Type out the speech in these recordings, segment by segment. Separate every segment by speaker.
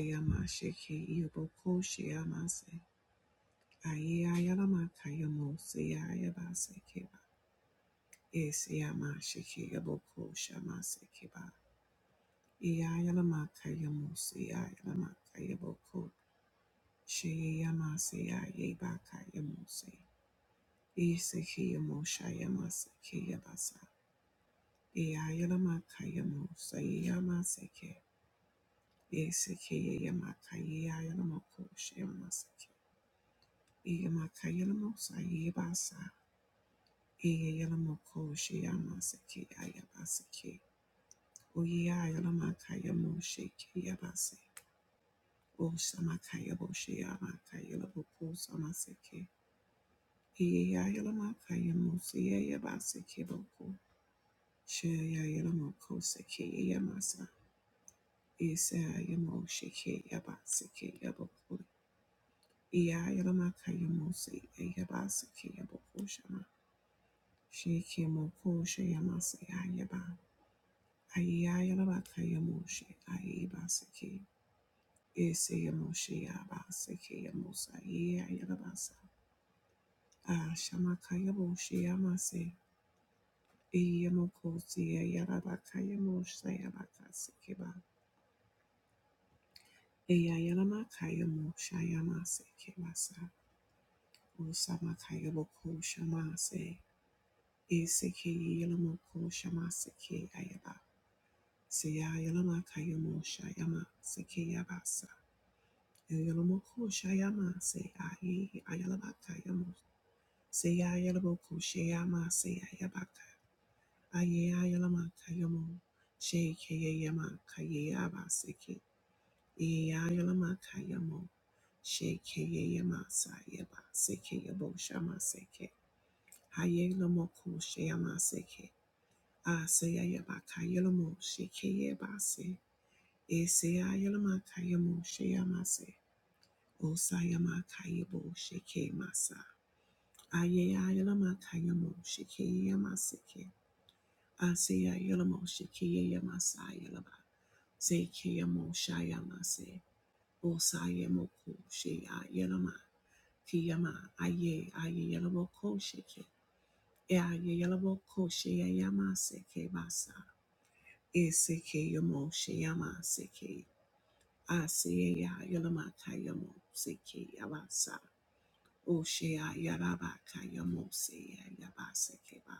Speaker 1: Yamashiki Yoboko Shiamase Aya Yalamaka Yamosi Ayabasekeba Esiamashiki Yoboko Shamasekeba Iya Yalamaka Yamosi Ayalamaka Yoboko Shiyamasi Ayabaka Yamosi Isiki Yamosha Yamaseki Yabasa Iya Yalamaka Yamosa Yamaseke Isiki Yamaka Iya Yalamoko Shiamaseki Iyamakayalamosa yebasa. Iyayalamokoshiyamasekei ayabasekei. Uyayalamakayamosheikei yabase. Osamakayaboshiyamakayalabokosamaseke. Iyayalamakayamosiyeyabasekeboko. Sheyayalamokosekeyeyamasa. Isayamoshikeyabasekeyaboko. Iyayalamakayamosiyeyabaseke yabokoshama. Shikimoko Shayamase Ayaba Ayayalaba Kayamoshi Ayabasaki Isayamoshe Abasaki Yamosa Yalabasa Ashamakayamoshi Yamase Iyamoko Sia Yalaba Kayamosh Sayabaka Sikiba Ayayalama Kayamosh Ayamase Kibasa Usama Kayaboko Shamase Isiki Yalamoko Shamasiki Ayaba Seyayalama kayamo shayama sekeyabasa. Yalamo ko shayama se aye ayalama kayamo. Seyayalamo ko shayama seyayabaka. Aye ayalama kayamo. Shekeyayama kayeyaba seke. Eyayalama kayamo. Shekeyayama sayaba sekeyabo shama seke. Hayelamo ko shayama seke. Aseyayabaka yalamo shekeyabase. Eseyayalamakayamosheamase. Osayamakayaboshekeemasa. Ayeyayalamakayamoshekeemaseke. Aseyayalamoshekeyamasayalam- Zekeyamoshayamase. Osayamokosheayalama. Kiyama aye ayeyalamokosheke. Eayeyalamokosheyamasekebasa. Esekeyamosheyamaseke. Asiyayayalamakayamosikeabasa. Oshayayarabakayamoseyayabasekeba.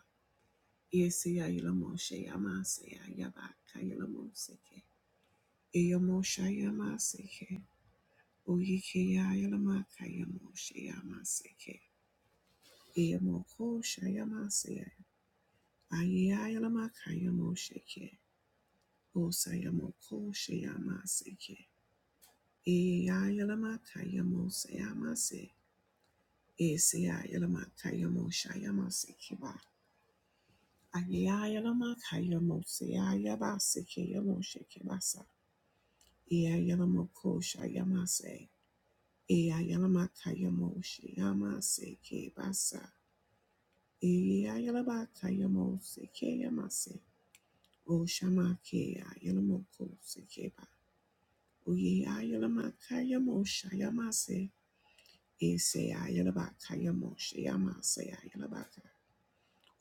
Speaker 1: Yeseyayalamoshayamaseyayarakayamoseke. Eyamoshayamaseke. Oyikeyayalamakayamoshayamaseke. Eyamokoshayamasea. Ayayayalamakayamoseke. Osayamokoshayamase. Eyayalamakayamoseyamase. Esiayalamakayamoshayamasikeba. Ayayalamakayamoseayabasikeyamoshekebaza. Eayalamokoshayamase. Eayalamakayamosheamasekebasa. Eayalabakayamosekeyamase. Oshamakeayalamokosekeba. Oyeayalamakayamoshayamase. Eseayalabakayamoshayamaseayalabaka.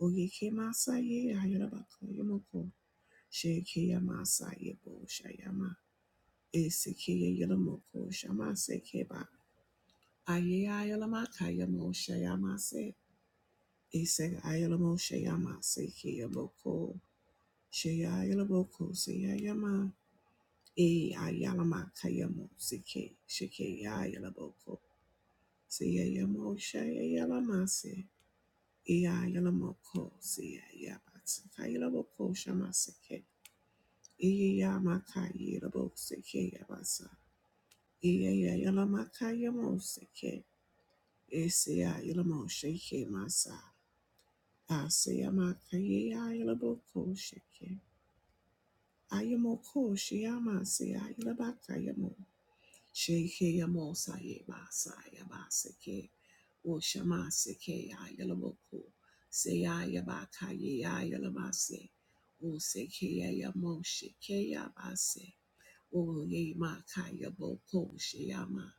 Speaker 1: Oyeke masaye ayarabako yomoko. Sheke yamasaye bo shayama. Eseke yelomoko shama sekeba. Aye ayalamaka yamo shayama se. Ese ayalamo shayama seke yomoko. Shaya yelomoko seyayama. E ayalamaka yamo seke. Sheke yayalaboko. Seyayamo shayalamase. E ayalamoko seyayabats. Kayalamoko shama seke. Iyayamakayeloboseke Iyayayalamakayamoseke. Isiyayalamosheke masa. Asiyamakayeyayelobokosheke. Ayamokoshiyamasiyaylabakayamo. Shekeyamosayemasayabaseke. Oshamasikeyayloboko. Seyayabakayeyayalabase. Osekeyayamoshekeyamaseke. Oye makaya boko sheyama.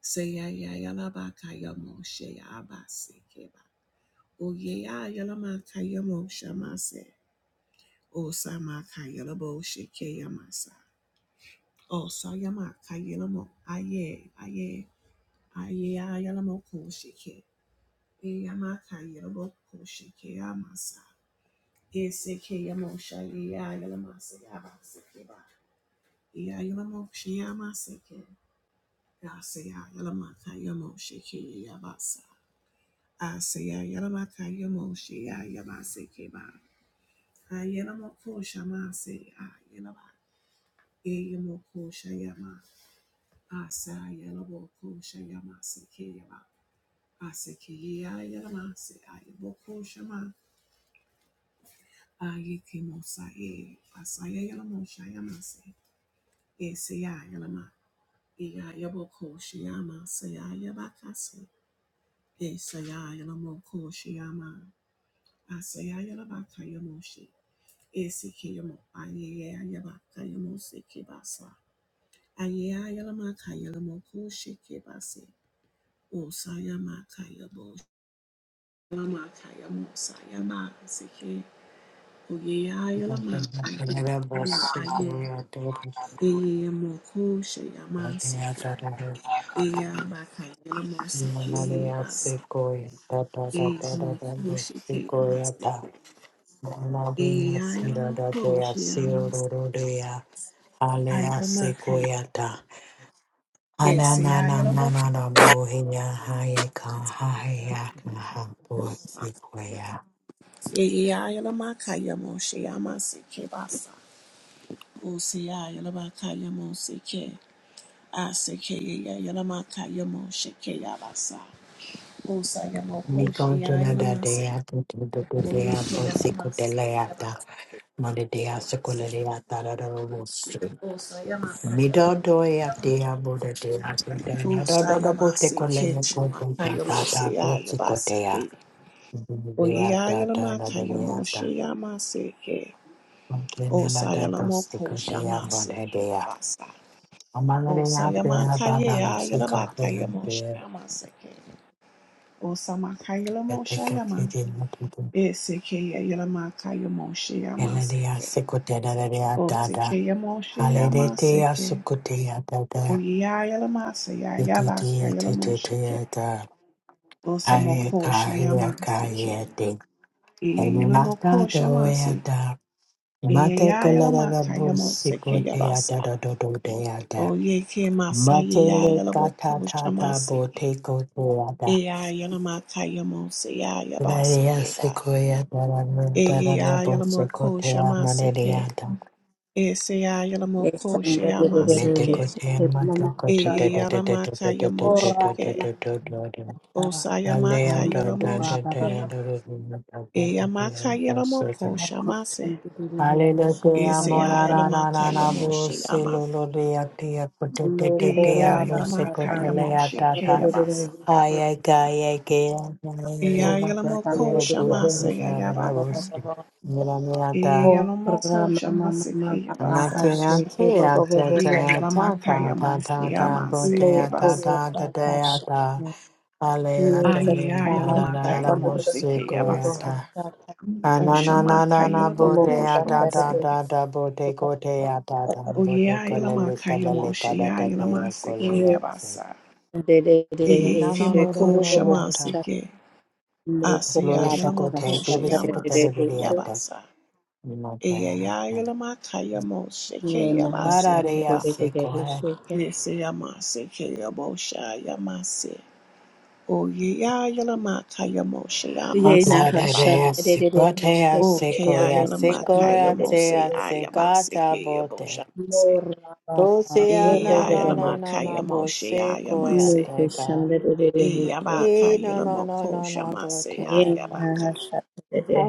Speaker 1: Seya ya yala kaya mo sheya abase keba. Oye ya yala kaya mo shamase. O sama kaya labo sheke yamasa. O sa yama kaya lamo aye aye aye ya yala mo ko sheke. E yama kaya labo ko sheke yamasa. E seke yamo shaye ya yala masa yabase keba. E ya yala mo sheyama seke. Yasaya Yalamaka Yamoshe Kiri Yabasa. Asaya Yalamaka Yamoshe Yabase Keba. Ayalamoko Shamase Ayalaba. Eyamoko Shayama. Asa Yalamoko Shayamase Keba. Aseki Ayalamase Ayaboko Shama. Ayekimosa E. Asaya Yalamosha Yamase. Esaya Yalama. Iya Yaboko Shayama Saya Yabakase. Esaya Yalamoko Shayama. Asayayalabakayamoshe. Esikeyamo. Ayayayabakayamosekebasa. Ayayayalamakayalamokoshekebase. Osayamakayabo. Yalamakayamosayamanseke.
Speaker 2: Mikontena da dea, putu, putu
Speaker 1: Oyeyayalamakayamo. Aye.
Speaker 2: dea, bosiku delea da. Mone dea,
Speaker 1: Eyeyamokosheyamanseke.
Speaker 2: sekulelea da tata da
Speaker 1: Eyabakayalamosekeyebasa.
Speaker 2: bosse koi
Speaker 1: Eyamokoshekeyabase.
Speaker 2: ata manera sira da koi siro ro
Speaker 1: Eyayayalamokosheyamase.
Speaker 2: ro de ya alea se koi ata ana na na na
Speaker 1: Yabasi.
Speaker 2: na na bo he ya ha ye ka ha he ya ka ha bo se koi ya
Speaker 1: Oye ya yala maka ya moshe ya Yamasi,
Speaker 2: mi kon tena da, bosi. Midodoya dea Buddha dea Santana da da da bote colena copo da da da bote cotea. Dea da da da da dea da.
Speaker 1: O
Speaker 2: Montana da da bote
Speaker 1: Sayalamoko
Speaker 2: cotea bonde
Speaker 1: Shamaseke
Speaker 2: dea.
Speaker 1: Abasa. O
Speaker 2: Among the apple baba la
Speaker 1: Sayamakaya
Speaker 2: sico
Speaker 1: Yalabaka
Speaker 2: here
Speaker 1: Yamo
Speaker 2: dea.
Speaker 1: Shamaseke. O
Speaker 2: I
Speaker 1: Samakayalamo
Speaker 2: take a
Speaker 1: Shayama.
Speaker 2: kitty mutu.
Speaker 1: Eseke Yalamaka Yamo Shayama
Speaker 2: Eladia
Speaker 1: seke.
Speaker 2: sicotea da dea
Speaker 1: O
Speaker 2: da da.
Speaker 1: Seke Yamo Shayama
Speaker 2: Halidatea
Speaker 1: seke.
Speaker 2: sucotea da
Speaker 1: O
Speaker 2: da.
Speaker 1: Yayalamasa Yabaka
Speaker 2: Titia
Speaker 1: Yalamo Sheke.
Speaker 2: titia da.
Speaker 1: O
Speaker 2: Aye,
Speaker 1: Samoko Shayamaseke.
Speaker 2: kahia, Elata
Speaker 1: Yalamoko Shamasi.
Speaker 2: doyada. Mate kalada
Speaker 1: Yayalamaka Yamo
Speaker 2: busiko
Speaker 1: Seke Yabasa.
Speaker 2: deada do do do deada.
Speaker 1: Oyeke
Speaker 2: Mate
Speaker 1: masaya
Speaker 2: le
Speaker 1: yalaboko
Speaker 2: kata tata
Speaker 1: shamaseke.
Speaker 2: boteko deada.
Speaker 1: Eya yalamaka yamose ya
Speaker 2: Daria
Speaker 1: yabaseke ba.
Speaker 2: sequoia
Speaker 1: e
Speaker 2: dara dara
Speaker 1: Eya
Speaker 2: rabo seko
Speaker 1: yalamoko
Speaker 2: dea
Speaker 1: shamaseke.
Speaker 2: maneada.
Speaker 1: Eseya yalamoko
Speaker 3: Yesanda dererere
Speaker 1: shayamaseke.
Speaker 2: Meteko dea
Speaker 3: seke mama
Speaker 2: mateko da da
Speaker 1: Eye
Speaker 3: shanda
Speaker 2: da da da
Speaker 1: yalamaka
Speaker 2: da da da
Speaker 3: ora
Speaker 2: da da
Speaker 3: mama
Speaker 1: yamosheke.
Speaker 2: da da da da da.
Speaker 3: mama
Speaker 1: Osayamaka
Speaker 2: Alea
Speaker 3: roma
Speaker 2: da da
Speaker 3: kuva
Speaker 2: da da
Speaker 3: baba
Speaker 2: da da da da
Speaker 1: yalamosheke.
Speaker 3: baba
Speaker 2: da
Speaker 1: Eyamaka
Speaker 2: da da da da
Speaker 1: yalamoko
Speaker 3: narko
Speaker 1: shamase.
Speaker 3: shanda dererere seke
Speaker 2: Aleluya,
Speaker 3: baba
Speaker 1: Eseya
Speaker 2: mora
Speaker 3: baba
Speaker 2: na na
Speaker 1: yalamaka
Speaker 2: na na bo
Speaker 1: yamoshe
Speaker 2: se lo
Speaker 1: yamase.
Speaker 2: lo de ati akote
Speaker 3: no
Speaker 2: te te te a
Speaker 3: kora
Speaker 1: Eya
Speaker 2: bo se
Speaker 3: baba
Speaker 1: yalamaka
Speaker 2: kote
Speaker 3: kani
Speaker 2: le
Speaker 1: yamoshe
Speaker 2: ata
Speaker 1: ke
Speaker 2: ta
Speaker 1: yabase.
Speaker 3: dererere
Speaker 2: haya kaya ke ya le
Speaker 3: no
Speaker 2: na
Speaker 3: kora
Speaker 2: pate
Speaker 3: shanda
Speaker 1: Iyayalamoko
Speaker 2: le bi ati
Speaker 1: shamase
Speaker 3: dererere seke
Speaker 2: la
Speaker 3: baba
Speaker 2: bo
Speaker 1: yayabaka.
Speaker 2: se
Speaker 3: baba
Speaker 2: mira mira ta
Speaker 3: ora
Speaker 1: Iyayalamoko
Speaker 3: mama mama
Speaker 1: shamase
Speaker 3: mama
Speaker 1: kiyabasa.
Speaker 2: amate
Speaker 3: seke
Speaker 2: ati
Speaker 3: baba
Speaker 2: ata
Speaker 3: baba
Speaker 2: ta ta
Speaker 1: Iyayalamaka
Speaker 2: ta ta ta
Speaker 1: yamoshi
Speaker 2: ta bo
Speaker 1: yamase
Speaker 2: te
Speaker 3: no
Speaker 2: ata
Speaker 1: kebasa.
Speaker 3: kora
Speaker 2: ta ta te
Speaker 3: baba
Speaker 2: ata ale
Speaker 3: Ye
Speaker 2: ata
Speaker 3: te te
Speaker 2: le
Speaker 3: ta
Speaker 2: da
Speaker 3: ha
Speaker 2: da da
Speaker 3: ta
Speaker 1: Ayayalamaka
Speaker 2: da
Speaker 3: ta
Speaker 2: da
Speaker 3: ro
Speaker 2: bo
Speaker 3: ro ro
Speaker 1: yamoshi
Speaker 3: ro
Speaker 2: se ko
Speaker 3: ro ro
Speaker 1: kiyabasa.
Speaker 3: ho
Speaker 2: ata
Speaker 3: sha ta
Speaker 1: O shamaka
Speaker 2: Ananana
Speaker 3: mo
Speaker 1: yalaboko
Speaker 2: bodea
Speaker 3: sha
Speaker 2: da
Speaker 3: ta ro
Speaker 2: da
Speaker 1: shamase.
Speaker 3: ro
Speaker 2: da da bote
Speaker 3: ro ro.
Speaker 2: kotea da da
Speaker 1: O
Speaker 2: bote kolele
Speaker 1: yayalamaka
Speaker 2: kalele
Speaker 1: yamoshi
Speaker 2: kada da dea
Speaker 1: yayalamase
Speaker 3: Ye
Speaker 2: kolea se.
Speaker 1: kiyabasa.
Speaker 3: de de de he
Speaker 2: Ina no
Speaker 3: she
Speaker 2: no
Speaker 3: ko
Speaker 2: no
Speaker 3: ro
Speaker 1: Iyikimoko
Speaker 2: no
Speaker 3: ro ro ho
Speaker 2: yata.
Speaker 1: shamase
Speaker 3: sha
Speaker 1: ke.
Speaker 3: mo ko
Speaker 2: Glory
Speaker 1: Asaya
Speaker 3: ra ba ka
Speaker 2: shakote,
Speaker 1: yalamoko
Speaker 3: sha
Speaker 2: glory
Speaker 3: ta de de
Speaker 2: sikote
Speaker 3: de
Speaker 2: de
Speaker 1: shayamase
Speaker 3: he she.
Speaker 2: buriata.
Speaker 1: kiyabasa.
Speaker 2: No tehata.
Speaker 1: Iyayalamaka yamoshi
Speaker 3: Ye na ha sha
Speaker 1: kiyabase
Speaker 3: de de
Speaker 2: Ararea
Speaker 3: de de de he
Speaker 2: sekoe.
Speaker 3: she ke.
Speaker 1: Nisi yamase ke kiyabosha yamase. O ye ya yalamaka yamosha
Speaker 2: Oh
Speaker 3: Ye na
Speaker 1: yamasa
Speaker 2: God,
Speaker 3: ha
Speaker 1: yaba.
Speaker 3: sha
Speaker 2: adea
Speaker 3: de de de de he
Speaker 2: sikotea
Speaker 3: she ke
Speaker 1: O
Speaker 3: de de de
Speaker 1: kaya
Speaker 3: de
Speaker 2: sekoea
Speaker 3: he sha de
Speaker 1: yalamaka
Speaker 3: de de
Speaker 2: sekoea
Speaker 3: de de
Speaker 1: yamose
Speaker 2: tea
Speaker 3: he she.
Speaker 1: ayabase
Speaker 2: sekata
Speaker 1: ke kiyabosha
Speaker 2: bote.
Speaker 3: Mo
Speaker 1: mase.
Speaker 3: ra ba ka ro
Speaker 1: E
Speaker 3: ro
Speaker 2: Oseana
Speaker 1: ya
Speaker 3: ro ro
Speaker 2: na
Speaker 3: ho
Speaker 2: na na
Speaker 1: yalamaka
Speaker 3: sha.
Speaker 2: na bo
Speaker 1: yamosha
Speaker 2: sekoea
Speaker 3: Me
Speaker 1: yamase.
Speaker 3: ke sha
Speaker 2: tega.
Speaker 3: de de de de he
Speaker 1: E
Speaker 3: she.
Speaker 1: yabaka
Speaker 2: Hey, no, no, no,
Speaker 1: yalamoko
Speaker 2: no, no, Lord,
Speaker 1: shamase
Speaker 2: help us.
Speaker 1: ayabaka.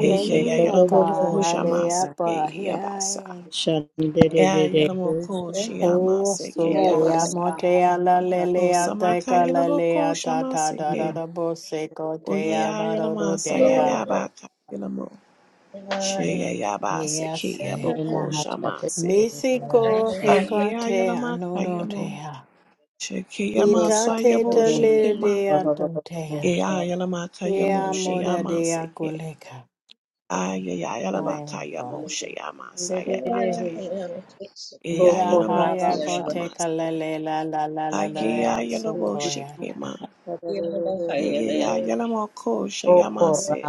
Speaker 1: E ya ya yalamoko
Speaker 2: God. Hallelujah,
Speaker 1: shamase
Speaker 2: Ba,
Speaker 1: ke yabasa
Speaker 2: yeah.
Speaker 4: Yeah.
Speaker 1: E yalamoko
Speaker 2: Hey,
Speaker 1: shamase
Speaker 2: so
Speaker 1: ke
Speaker 2: que amo
Speaker 1: yabasa
Speaker 2: te ala
Speaker 1: O
Speaker 2: lelea
Speaker 1: samaka yalamoko
Speaker 2: ta ta
Speaker 1: shamase
Speaker 2: da da
Speaker 1: ke.
Speaker 2: da bo se ko te
Speaker 1: Oye
Speaker 2: ana do do
Speaker 1: ayalama sayayaba kayalamo. Sheyayaba
Speaker 2: Yes, eh.
Speaker 1: sekeyabo ko shamase.
Speaker 2: Nisi ko he ko
Speaker 1: Aye
Speaker 2: te
Speaker 1: ayalama
Speaker 2: ano do te
Speaker 1: kayamo.
Speaker 2: a.
Speaker 1: Shekeyama
Speaker 2: Dinta te
Speaker 1: sayabo
Speaker 2: te le de
Speaker 1: shekema.
Speaker 2: a to
Speaker 1: E ayalama kayamo
Speaker 2: Ea mo da de
Speaker 1: sheyama seke. Aye
Speaker 2: I
Speaker 1: ayalaba
Speaker 2: am
Speaker 1: kayamo
Speaker 2: boss.
Speaker 1: sheyama sayaba kaya. E
Speaker 2: Ia
Speaker 3: Boko
Speaker 1: ayalamo
Speaker 2: haia
Speaker 3: rabaka,
Speaker 1: ko
Speaker 2: bo te
Speaker 1: shamase.
Speaker 2: kalele la la la la la
Speaker 1: Aye
Speaker 2: la
Speaker 1: ayalabo
Speaker 2: soko ia ta.
Speaker 1: shekema. E ayalamo ko sheyama se.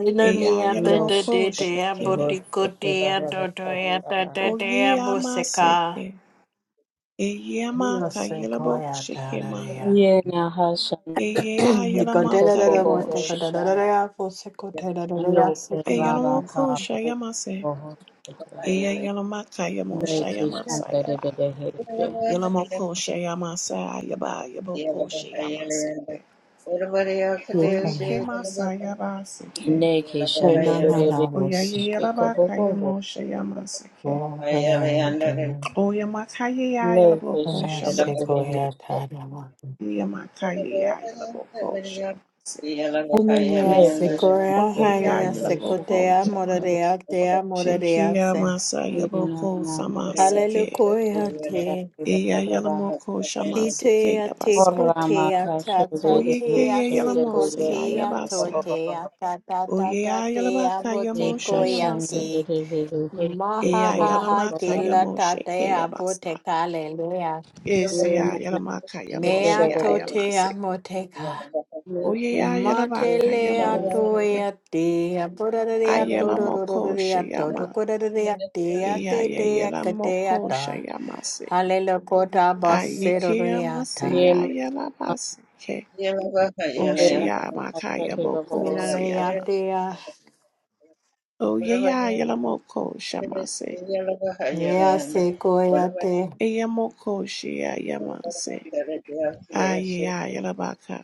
Speaker 2: Nina
Speaker 1: E
Speaker 2: ni a te
Speaker 3: No
Speaker 1: ayalamo
Speaker 2: te
Speaker 3: shit.
Speaker 2: te
Speaker 1: ko
Speaker 2: te a bo
Speaker 1: shekele.
Speaker 2: tiko te a to to ia ta te te a bo
Speaker 1: Oyeyama
Speaker 2: se ka.
Speaker 1: seke. Eyeyama
Speaker 2: Ia ko
Speaker 1: kayelabo
Speaker 2: ia ta ra
Speaker 1: shekema.
Speaker 2: re ia.
Speaker 3: Yeah, now Hasha,
Speaker 1: Eyeya
Speaker 2: Niko te
Speaker 1: yelama
Speaker 2: ra ra ra bo
Speaker 3: Kobobo
Speaker 2: te ko
Speaker 1: kayamoshe.
Speaker 2: ra
Speaker 3: Hosha,
Speaker 2: ko te ra ra ra ra
Speaker 3: Loke
Speaker 2: se ko ia
Speaker 1: Eyelamo ko
Speaker 3: Rabaka, Kobobo
Speaker 1: shayamase.
Speaker 3: Hosha,
Speaker 1: Eyeyelama kayamo
Speaker 3: Neke
Speaker 1: shayama yaba
Speaker 3: Shandede Heshe,
Speaker 1: Yelamo ko shayama sayaba. Yaboko shayama seke.
Speaker 4: Everybody else could do shit in
Speaker 1: Oyekema
Speaker 4: the book.
Speaker 1: sayaba seke.
Speaker 4: Yeah.
Speaker 3: Neke
Speaker 2: na na na
Speaker 3: Shandede
Speaker 2: bo se ka.
Speaker 3: Heshe,
Speaker 1: Oyeyelaba
Speaker 3: Kobobo Hosha,
Speaker 1: kayamo shayama
Speaker 2: Bo
Speaker 1: seke.
Speaker 2: ra ra ra
Speaker 1: Oyama kayeya yelabo
Speaker 3: Neke
Speaker 1: ko
Speaker 3: Shandede
Speaker 1: shama.
Speaker 3: Heshe,
Speaker 2: ta ra ra.
Speaker 1: Oyama kayeya yelabo ko shama.
Speaker 2: Hallelujah,
Speaker 3: Neke
Speaker 1: Oye
Speaker 2: Sequoia,
Speaker 1: Ogiya
Speaker 2: Hallelujah,
Speaker 3: Shandede Heshe,
Speaker 1: Yalaboko
Speaker 2: Sequoia,
Speaker 1: Shama.
Speaker 2: Morea, Dea,
Speaker 1: shiki
Speaker 2: Morea,
Speaker 1: Shikia
Speaker 2: Sem.
Speaker 1: Masa
Speaker 3: Ina
Speaker 1: Yaboko
Speaker 3: Nama
Speaker 1: Sama Sike.
Speaker 2: Hallelujah, Te.
Speaker 1: Eya
Speaker 3: Hosha,
Speaker 1: Yalamoko Shama Sike
Speaker 2: Sitea,
Speaker 1: Yabasa.
Speaker 3: Naked,
Speaker 2: Tecotea, Tata,
Speaker 1: Oyeke
Speaker 2: Tea,
Speaker 1: Yalamose ya
Speaker 2: Sequoia,
Speaker 1: Yabasa.
Speaker 2: Totea, Tata, Tata,
Speaker 1: Oyeya
Speaker 2: Tea,
Speaker 1: Yalabaka Yamosha
Speaker 2: Botecoia,
Speaker 1: Yamase.
Speaker 2: Te.
Speaker 3: Shanta,
Speaker 2: Maha,
Speaker 1: Eya
Speaker 2: ha, ha,
Speaker 1: Yalamaka
Speaker 2: de la
Speaker 1: Yamoshe ke
Speaker 2: Tatea,
Speaker 1: Yabasa.
Speaker 2: Boteca, Hallelujah.
Speaker 1: Eseya Yalamaka
Speaker 2: Mea,
Speaker 1: Yamoshe ya Yamase.
Speaker 2: Totea, Moteca.
Speaker 1: Oyeya Yalabaka
Speaker 2: Matele
Speaker 1: Yamose.
Speaker 2: atoe ate, aporare
Speaker 1: Ayalamoko
Speaker 2: atororore ato,
Speaker 1: Shayama.
Speaker 2: tokorare ate,
Speaker 1: Eya
Speaker 2: ate
Speaker 1: ya
Speaker 2: de akate
Speaker 1: Yalamoko
Speaker 2: ata,
Speaker 1: Shayamase.
Speaker 2: halelo kota baserore ata,
Speaker 1: Ayikiyamasiyayelamasi.
Speaker 2: mirare
Speaker 1: Oshiyamakayabokosiyama.
Speaker 2: ate a,
Speaker 1: Oyeyayelamokoshiyamase.
Speaker 2: ea se ko koe ate,
Speaker 1: Eyamokoshiyayelamase. Ayeyayelabaka.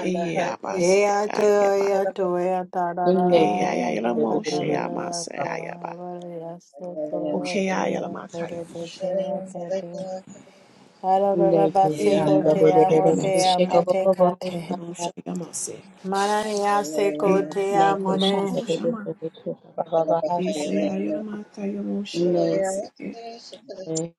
Speaker 1: Eyeyabase.
Speaker 2: ea toe
Speaker 1: Ayebaka.
Speaker 2: atoe ata, rarara ata, katarare
Speaker 1: Eyayayelamoshiyamase.
Speaker 2: ata,
Speaker 1: Ayaba.
Speaker 2: avare ase koe ate, apore de
Speaker 1: Okeyayelamakayabosha.
Speaker 2: se ate te, ararara base kote amote
Speaker 1: Eyayelamakayamose.
Speaker 2: amote kate.
Speaker 1: Ayakeyeloshayalamase.
Speaker 2: Manania seko te amone,
Speaker 1: Eyamakayelamokoshyama. Isayayelamakayamoshiyamasike.
Speaker 3: He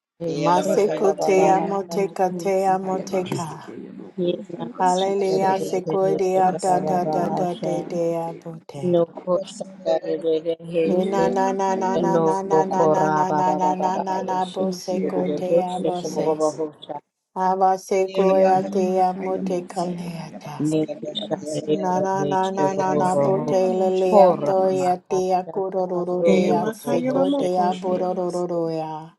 Speaker 3: shake
Speaker 2: maseko
Speaker 3: Baba
Speaker 2: te
Speaker 3: Baha
Speaker 1: Eya eya
Speaker 2: amoteka
Speaker 3: Shaka.
Speaker 2: te
Speaker 1: eya eya
Speaker 2: amoteka.
Speaker 1: ya moko
Speaker 3: Ye
Speaker 1: ya
Speaker 3: Naka
Speaker 1: basi ke
Speaker 3: Shankari
Speaker 2: Hallelujah,
Speaker 3: Dede
Speaker 2: seko
Speaker 3: He
Speaker 2: dea
Speaker 3: shake
Speaker 2: da
Speaker 1: asi ya
Speaker 3: Baba
Speaker 2: da
Speaker 1: ya
Speaker 2: da
Speaker 1: la
Speaker 3: Baha
Speaker 2: da
Speaker 1: maka
Speaker 2: de
Speaker 3: Shaka.
Speaker 1: ya
Speaker 2: dea
Speaker 1: moshe ya
Speaker 2: bote.
Speaker 3: No
Speaker 1: ke
Speaker 3: Ko
Speaker 1: basa
Speaker 3: Shankari Dede He
Speaker 1: eya
Speaker 2: Na
Speaker 1: ya
Speaker 3: shake.
Speaker 2: na
Speaker 1: maka
Speaker 2: na
Speaker 1: ya
Speaker 2: na na
Speaker 1: la
Speaker 2: na
Speaker 3: No
Speaker 1: mose
Speaker 2: na na
Speaker 1: ke
Speaker 2: na
Speaker 3: Ko
Speaker 2: na
Speaker 1: ba
Speaker 2: na
Speaker 3: Baba
Speaker 2: na
Speaker 3: Baba
Speaker 2: na
Speaker 3: Baba
Speaker 2: na
Speaker 3: He
Speaker 2: na
Speaker 3: shake.
Speaker 2: bo
Speaker 1: oshi ya
Speaker 2: seko
Speaker 1: ya
Speaker 3: Dede
Speaker 2: te
Speaker 3: He
Speaker 1: moko
Speaker 3: shake
Speaker 1: ya
Speaker 3: Baba
Speaker 2: avose.
Speaker 1: masi
Speaker 3: Baha Shaka.
Speaker 2: Ava seko
Speaker 1: eya
Speaker 2: ea
Speaker 1: ya la
Speaker 2: te
Speaker 1: maka ya
Speaker 2: amoteka
Speaker 1: mose ya ba
Speaker 2: leata.
Speaker 3: Ne Ki Shankari
Speaker 1: la
Speaker 2: Na na
Speaker 3: He
Speaker 2: na na
Speaker 3: shake
Speaker 2: na
Speaker 3: Baba
Speaker 2: na bo
Speaker 3: Baha
Speaker 2: te
Speaker 1: la la moshe ke
Speaker 2: lelea
Speaker 3: Kora
Speaker 1: ya
Speaker 3: Ra
Speaker 2: to
Speaker 1: masi
Speaker 2: ea
Speaker 3: Maka
Speaker 2: te
Speaker 3: Shaka.
Speaker 2: akurororo
Speaker 3: Ro
Speaker 1: eya
Speaker 2: dea
Speaker 3: Baba
Speaker 1: maka ya
Speaker 3: Baha
Speaker 1: la
Speaker 2: seko
Speaker 3: shake
Speaker 2: te
Speaker 1: moko ya masi
Speaker 2: aborororo ya.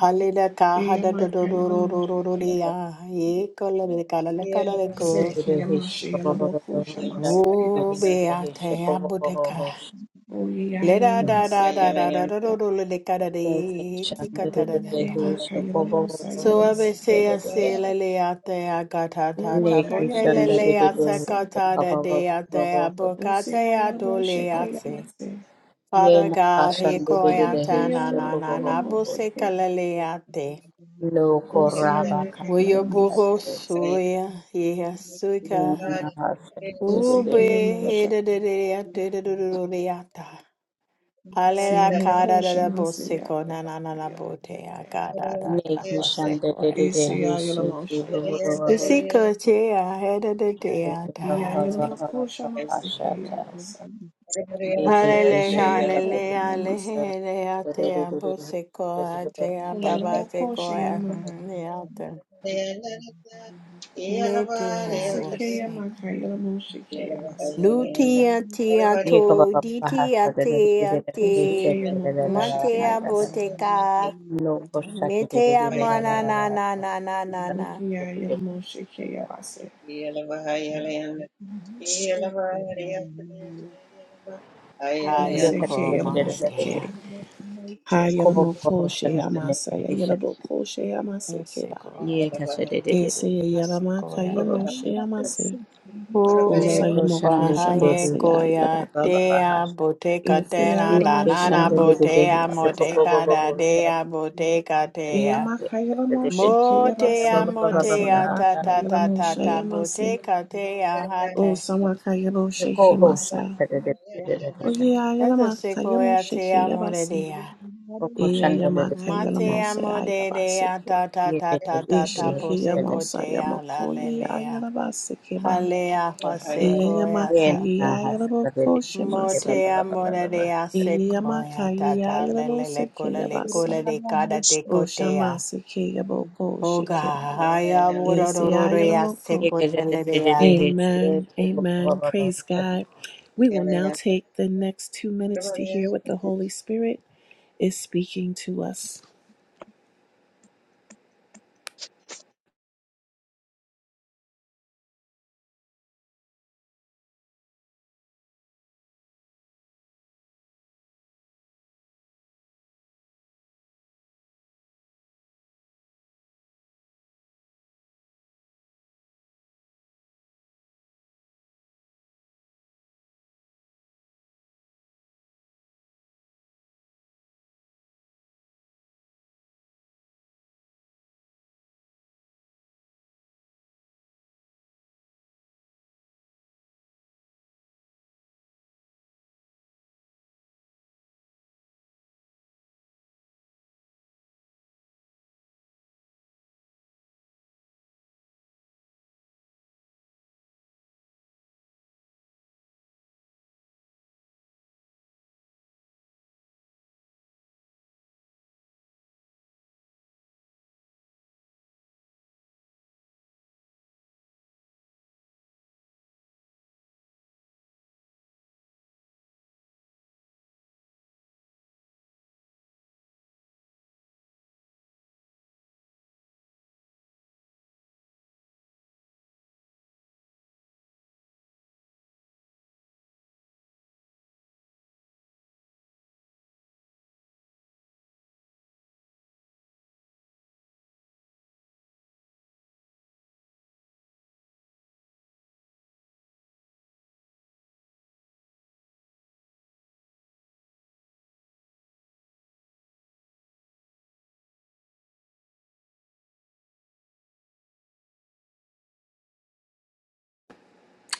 Speaker 2: Halila kaha
Speaker 1: eya
Speaker 2: da
Speaker 4: Yeah.
Speaker 2: do
Speaker 1: maka
Speaker 2: do
Speaker 1: ya
Speaker 2: do
Speaker 1: la
Speaker 2: do do
Speaker 1: moshe
Speaker 2: do do
Speaker 1: ke ya
Speaker 2: dia. Ye kola de kala le kala le
Speaker 1: se
Speaker 2: ko.
Speaker 1: ke ya
Speaker 3: He shake
Speaker 1: moshe ya la
Speaker 3: Baba Baha
Speaker 1: moko ya
Speaker 3: Shaka.
Speaker 1: masi ke
Speaker 3: Dede
Speaker 2: Wo
Speaker 1: basa
Speaker 2: be a
Speaker 3: He shake
Speaker 2: te a
Speaker 3: Baba
Speaker 2: buteka.
Speaker 3: Baha Shaka.
Speaker 1: oye ya
Speaker 2: Le
Speaker 1: ya
Speaker 2: da
Speaker 1: la
Speaker 2: da
Speaker 1: Say, Kiyama
Speaker 2: da da
Speaker 1: Shayla Boko ya Sekibasa. Oh, yeah, Yelama
Speaker 2: da da do
Speaker 1: Sekiyama.
Speaker 2: do do le de
Speaker 3: Neki
Speaker 2: kada de ye tika ta da da
Speaker 1: E
Speaker 2: ba.
Speaker 1: Emakaya Lamosaya
Speaker 2: So a be se
Speaker 1: Masake.
Speaker 2: a se le le a te a ga ta
Speaker 1: O
Speaker 2: ta ta bo
Speaker 1: Makaya Bo
Speaker 2: le le
Speaker 1: Sheke
Speaker 2: a se
Speaker 1: Masa.
Speaker 2: ka ta da de a te a bo
Speaker 1: O
Speaker 2: ka
Speaker 1: Sayala
Speaker 2: do
Speaker 1: Bo
Speaker 2: le
Speaker 1: Sheke
Speaker 2: a se.
Speaker 1: Yamase.
Speaker 2: Father God, he
Speaker 5: Thank
Speaker 1: O
Speaker 2: koya ta
Speaker 5: you.
Speaker 1: Hikaya
Speaker 2: na na na
Speaker 1: Lamakaya
Speaker 2: na
Speaker 1: Mo
Speaker 2: bo se
Speaker 1: Sheke.
Speaker 2: kala le a te.
Speaker 1: O Sayamakaya Lamosaya Mas.
Speaker 2: Oyobohosoya yeyasuka
Speaker 1: O
Speaker 2: ube
Speaker 1: Sikaya Mosha.
Speaker 2: hedadadadadadadadadadadata. Halela kada
Speaker 1: Sayamoko
Speaker 2: da da
Speaker 1: Shamasaya.
Speaker 2: boseko na na na na bote ya kada da da boseko ya da.
Speaker 1: Isayala Mosha Yamasake.
Speaker 2: Usiko che ya heda de de
Speaker 1: Iyayala Moko Shamasake Yakasa.
Speaker 2: Halele
Speaker 1: Iyamoko
Speaker 2: halele
Speaker 1: Yamasa.
Speaker 2: halele de ya te ya boseko ya te ya
Speaker 1: O
Speaker 2: baba
Speaker 1: Yalamoko
Speaker 2: seko ya
Speaker 1: Shayama.
Speaker 2: ya te. Ne te
Speaker 1: O
Speaker 4: Yeah.
Speaker 1: Sikaya
Speaker 2: ya
Speaker 1: Makaya Lamoshike
Speaker 4: Bahaya
Speaker 2: Nutia, tia
Speaker 3: ये कब
Speaker 2: to
Speaker 3: कब
Speaker 2: ditia
Speaker 3: हंसता दे दे दे
Speaker 2: tia
Speaker 3: दे
Speaker 2: te
Speaker 3: दे इससे
Speaker 1: Osekeya
Speaker 3: दे दे दे दे
Speaker 2: matea
Speaker 1: mokoshekeya
Speaker 3: हंसता दे
Speaker 1: basa.
Speaker 2: boteka
Speaker 3: no कोशिश की दे दे
Speaker 2: metea
Speaker 3: दे दे दे
Speaker 2: mana na
Speaker 3: दे
Speaker 2: na na na na na
Speaker 1: Okiya
Speaker 3: दे दे
Speaker 1: yela moshekeya
Speaker 3: दे
Speaker 1: basa.
Speaker 3: ये
Speaker 2: hale
Speaker 3: कैसे
Speaker 2: ko
Speaker 3: दे
Speaker 1: Esekeya
Speaker 3: दे दे दे दे
Speaker 1: mosheke.
Speaker 2: matea
Speaker 1: Ha yela
Speaker 3: खूब खूब होश में
Speaker 1: mokoshe
Speaker 3: में
Speaker 1: yamasa.
Speaker 3: में
Speaker 1: Ya
Speaker 3: हिस्सा
Speaker 1: yela mokoshe yamase keba.
Speaker 2: nsegoa
Speaker 3: ये कैसे दे दे दे दे
Speaker 1: Ese yela maka
Speaker 2: nsegoa da
Speaker 1: yamoshe yamase.
Speaker 2: o
Speaker 3: no
Speaker 1: Osa
Speaker 3: कोशिश दे
Speaker 1: yamokoshe
Speaker 3: दे
Speaker 2: bahaye
Speaker 3: दे
Speaker 1: masa
Speaker 3: दे
Speaker 1: ya yela
Speaker 2: koya
Speaker 3: बाबा
Speaker 1: baka.
Speaker 3: बाबा
Speaker 2: tea
Speaker 3: हंसता
Speaker 2: boteka te
Speaker 1: Ese ya
Speaker 2: na
Speaker 1: yela
Speaker 2: na
Speaker 3: ने
Speaker 2: na
Speaker 1: moshe
Speaker 2: na
Speaker 3: शन दे दे
Speaker 1: yamase
Speaker 3: दे दे
Speaker 2: botea
Speaker 1: keya
Speaker 3: खूब
Speaker 1: basa.
Speaker 3: खूब
Speaker 2: moteka da
Speaker 3: होश में
Speaker 2: dea boteka
Speaker 1: Eya
Speaker 2: tea
Speaker 1: maka yela
Speaker 3: दे दे दे
Speaker 1: moshe keya
Speaker 2: Motea,
Speaker 1: basa.
Speaker 3: Baba Baba
Speaker 1: Asa ya
Speaker 2: motea, ta,
Speaker 3: Baba
Speaker 1: yabaka
Speaker 2: ta,
Speaker 1: yela
Speaker 2: ta, ta,
Speaker 1: moshe
Speaker 2: ta,
Speaker 1: yamase.
Speaker 2: boteca, tea, hate.
Speaker 1: Osa maka yela
Speaker 3: The
Speaker 1: moshe
Speaker 3: co-host
Speaker 1: kemasa.
Speaker 3: started the presentation.
Speaker 2: That's a
Speaker 1: Oyeyayalamaka
Speaker 2: sequoia,
Speaker 1: yamoshiki
Speaker 2: tea,
Speaker 1: yabasi.
Speaker 2: morea.
Speaker 3: The question the
Speaker 1: Eyayalamaka
Speaker 3: presentation.
Speaker 2: Matea,
Speaker 1: yalamosa
Speaker 2: modea,
Speaker 1: yayabasiki.
Speaker 2: ta, ta,
Speaker 3: Ye
Speaker 2: ta,
Speaker 3: ke
Speaker 2: ta,
Speaker 3: the
Speaker 2: ta, ta,
Speaker 1: Eshiki
Speaker 2: boseco,
Speaker 1: yamosa
Speaker 2: tea,
Speaker 1: yamoko
Speaker 2: la, lelea.
Speaker 1: yayalabasiki ba.
Speaker 2: Halea, hosequoia,
Speaker 1: Eyayamaka
Speaker 3: Ye na
Speaker 2: ta.
Speaker 3: na has
Speaker 1: yayalaboko
Speaker 3: the
Speaker 1: shemase.
Speaker 3: presentation. Ba
Speaker 2: Motea,
Speaker 3: ba ba ba ba ba.
Speaker 2: morea,
Speaker 3: ba.
Speaker 1: Eyayamaka
Speaker 2: sequoia, ta, ta, lelele,
Speaker 1: yayalabosiki yabasa.
Speaker 2: colele, de cada decotea.
Speaker 1: Oshamasiki yaboko
Speaker 2: Hoga,
Speaker 1: shiki.
Speaker 2: haya,
Speaker 5: Yeah.
Speaker 2: morororea,
Speaker 1: Esiyayalamoko.
Speaker 3: Ye
Speaker 2: seco,
Speaker 3: ke the
Speaker 2: telerea.
Speaker 1: Amen.
Speaker 3: Ba
Speaker 1: Amen.
Speaker 3: ba ba ba
Speaker 1: Praise
Speaker 3: ba.
Speaker 1: God. We will now
Speaker 4: I
Speaker 1: take the next two minutes to hear what the Holy Spirit is speaking to us.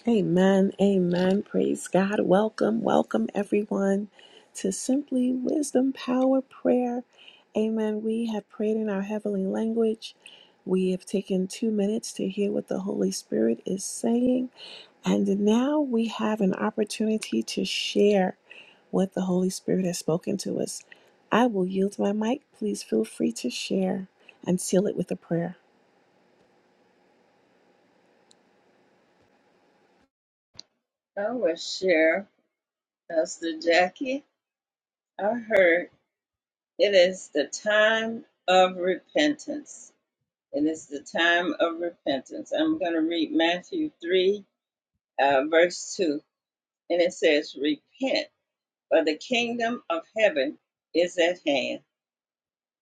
Speaker 1: Amen. Amen. Praise God. Welcome. Welcome, everyone, to Simply Wisdom Power Prayer. Amen. We have prayed in our heavenly language. We have taken two minutes to hear what the Holy Spirit is saying. And now we have an opportunity to share what the Holy Spirit has spoken to us. I will yield my mic. Please feel free to share and seal it with a prayer.
Speaker 4: will share, Pastor Jackie. I heard it is the time of repentance. It is the time of repentance. I'm going to read Matthew 3, uh, verse 2, and it says, Repent, for the kingdom of heaven is at hand.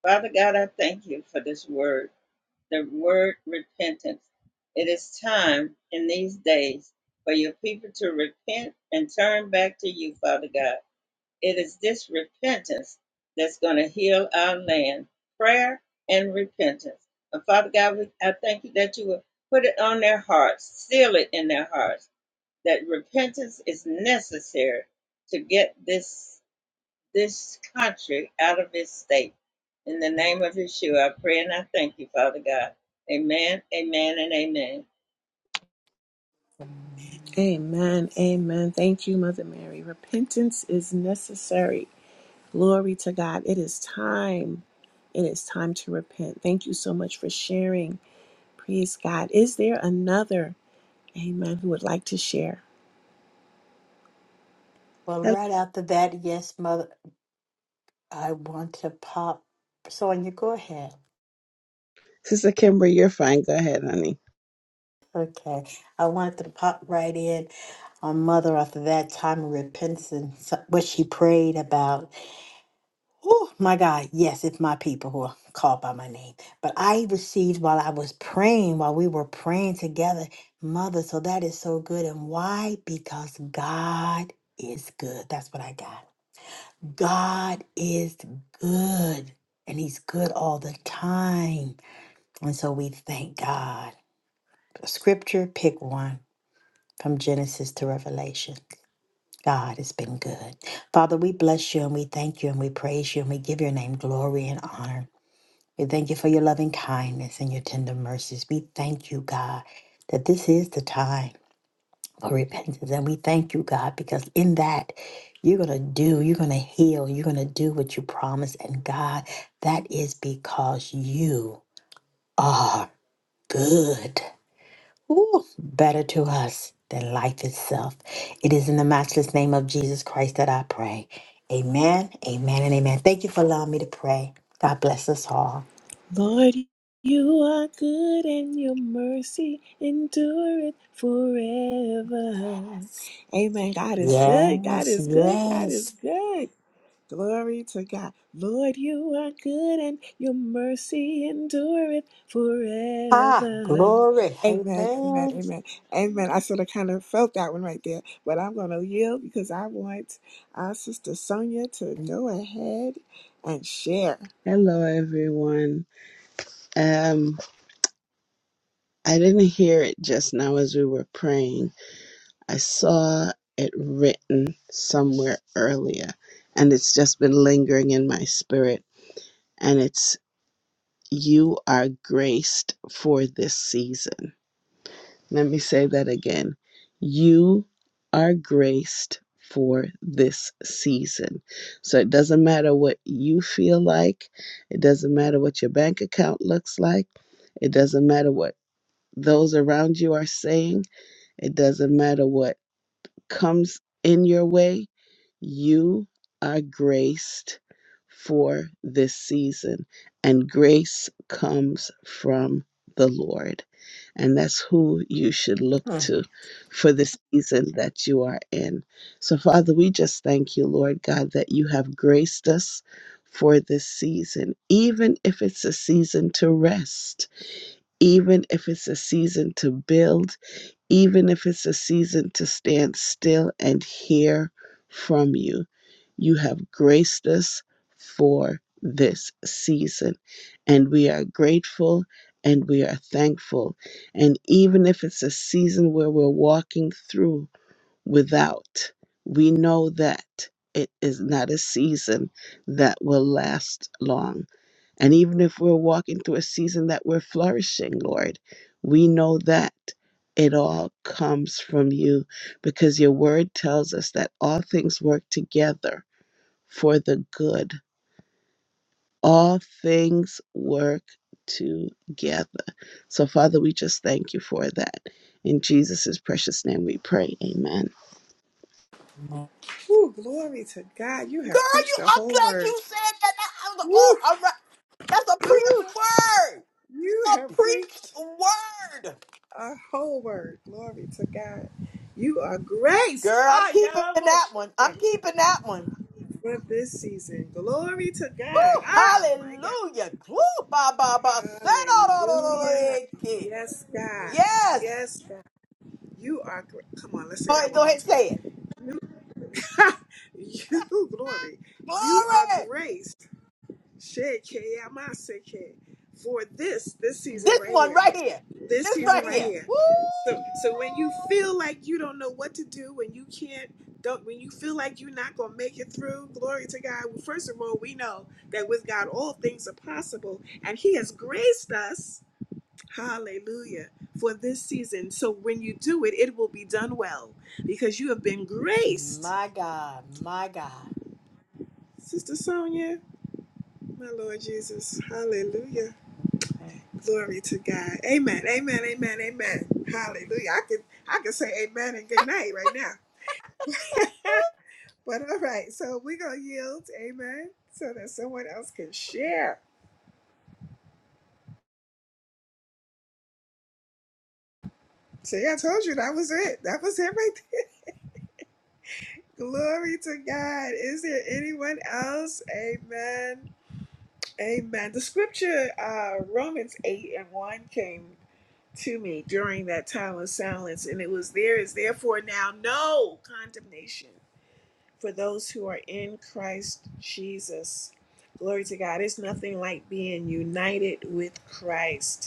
Speaker 4: Father God, I thank you for this word. the word repentance. It is time in these days for your people to repent and turn back to you, Father God. It is this repentance that's going to heal our land. Prayer and repentance. And Father God, we, I thank you that you will put it on their hearts, seal it in their hearts, that repentance is necessary to get this this country out of its state. In the name of Yeshua, I pray and I thank you, Father God. Amen, amen, and amen.
Speaker 1: Amen. Amen. Thank you, Mother Mary. Repentance is necessary. Glory to God. It is time. It is time to repent. Thank you so much for sharing. Praise God. Is there another, amen, who would like to share?
Speaker 2: Well,
Speaker 6: Hello.
Speaker 2: right after that, yes, mother. I want to pop. Sonia, go ahead.
Speaker 6: Sister Kimber, you're fine. Go ahead, honey.
Speaker 2: Okay. I wanted to pop right in on Mother after that time of repentance, what she prayed about. Oh, my God. Yes, it's my people who are called by my name. But I received while I was praying, while we were praying together, Mother. So that is so good. And why? Because God is good. That's what I got. God is good, and He's good all the time. And so we thank God. Scripture, pick one from Genesis to Revelation. God has been good. Father, we bless you and we thank you and we praise you and we give your name glory and honor. We thank you for your loving kindness and your tender mercies. We thank you, God, that this is the time for repentance. And we thank you, God, because in that you're going to do, you're going to heal, you're going to do what you promised. And God, that is because you are good. Ooh, better to us than life itself. It is in the matchless name of Jesus Christ that I pray. Amen, amen, and amen. Thank you for allowing me to pray. God bless us all.
Speaker 1: Lord, you are good and your mercy endureth forever. Amen. God is good. God
Speaker 2: Yes,
Speaker 1: is good. God is
Speaker 2: yes.
Speaker 1: good. Glory to God. Lord, you are good and your mercy endureth
Speaker 2: Ah,
Speaker 1: forever.
Speaker 2: glory.
Speaker 1: Amen, amen,
Speaker 2: Amen.
Speaker 1: amen, amen. I sort of kind of felt that one right there, but I'm going to yield because I want our sister Sonia to go ahead and share.
Speaker 6: Hello, everyone. Um, I didn't hear it just now as we were praying. I saw it written somewhere earlier, and it's just been lingering in my spirit. And it's, You are graced for this season. Let me say that again. You are graced for this season. So it doesn't matter what you feel like, it doesn't matter what your bank account looks like, it doesn't matter what those around you are saying, it doesn't matter what comes in your way, you are graced for this season. And grace comes from the Lord. And that's who you should look
Speaker 2: Mm.
Speaker 6: to for the season that you are in. So, Father, we just thank you, Lord God, that you have graced us for this season, even if it's a season to rest, even if it's a season to build even if it's a season to stand still and hear from you. You have graced us for this season, and we are grateful and we are thankful. And even if it's a season where we're walking through without, we know that it is not a season that will last long and even if we're walking through a season that we're flourishing, Lord, we know that it all comes from you because your word tells us that all things work together for the good. All things work together. So, Father, we just thank you for that. In Jesus' precious name we pray. Amen.
Speaker 1: Woo, glory to God. You have
Speaker 2: Girl, you
Speaker 1: preached a
Speaker 2: I'm
Speaker 1: whole
Speaker 2: glad
Speaker 1: word.
Speaker 2: you said that. That I was oh
Speaker 1: Woo,
Speaker 2: all right. That's a preached
Speaker 1: woo,
Speaker 2: word.
Speaker 1: you
Speaker 2: A
Speaker 1: have
Speaker 2: preached
Speaker 1: preached
Speaker 2: word.
Speaker 1: a whole word. Glory to God. You are graced.
Speaker 2: Girl, I'm
Speaker 1: Hi,
Speaker 2: keeping that one.
Speaker 1: Yalamosha.
Speaker 2: I'm keeping that one.
Speaker 1: for this season. Glory to
Speaker 2: Woo,
Speaker 1: God. Ah, my
Speaker 2: hallelujah. Woo, ba, ba, ba.
Speaker 1: God. Hallelujah.
Speaker 2: Sa-da-da-da-da-da-da-ki.
Speaker 1: Yes, God.
Speaker 2: Yes.
Speaker 1: Yes, God. You are great. Come on, let's say
Speaker 2: All
Speaker 1: that
Speaker 2: right,
Speaker 1: one
Speaker 2: go
Speaker 1: more
Speaker 2: ahead and
Speaker 1: time.
Speaker 2: say it.
Speaker 1: You, you glory. You are
Speaker 2: Glory.
Speaker 1: grace. Shake, yeah, my sick, yeah, for this, this season
Speaker 2: This
Speaker 1: right
Speaker 2: one
Speaker 1: here.
Speaker 2: right here.
Speaker 1: This
Speaker 2: This
Speaker 1: season
Speaker 2: right
Speaker 1: right
Speaker 2: here.
Speaker 1: here.
Speaker 2: Woo.
Speaker 1: So so when you feel like you don't know what to do, when you can't don't when you feel like you're not gonna make it through, glory to God. Well, first of all, we know that with God all things are possible, and He has graced us, hallelujah, for this season. So when you do it, it will be done well because you have been graced.
Speaker 2: My God. My God.
Speaker 1: Sister Sonia, my Lord Jesus, hallelujah. Glory to God. Amen. Amen. Amen. Amen. Hallelujah. I could I could say amen and good night right now. But all right, so we're going to yield, amen, so that someone else can share. See, I told you that was it. That was it right there. Glory to God. Is there anyone else? Amen. Amen. The scripture, uh, Romans 8 and 1, came to me during that time of silence, and it was there is therefore now no condemnation for those who are in Christ Jesus. Glory to God. It's nothing like being united with Christ.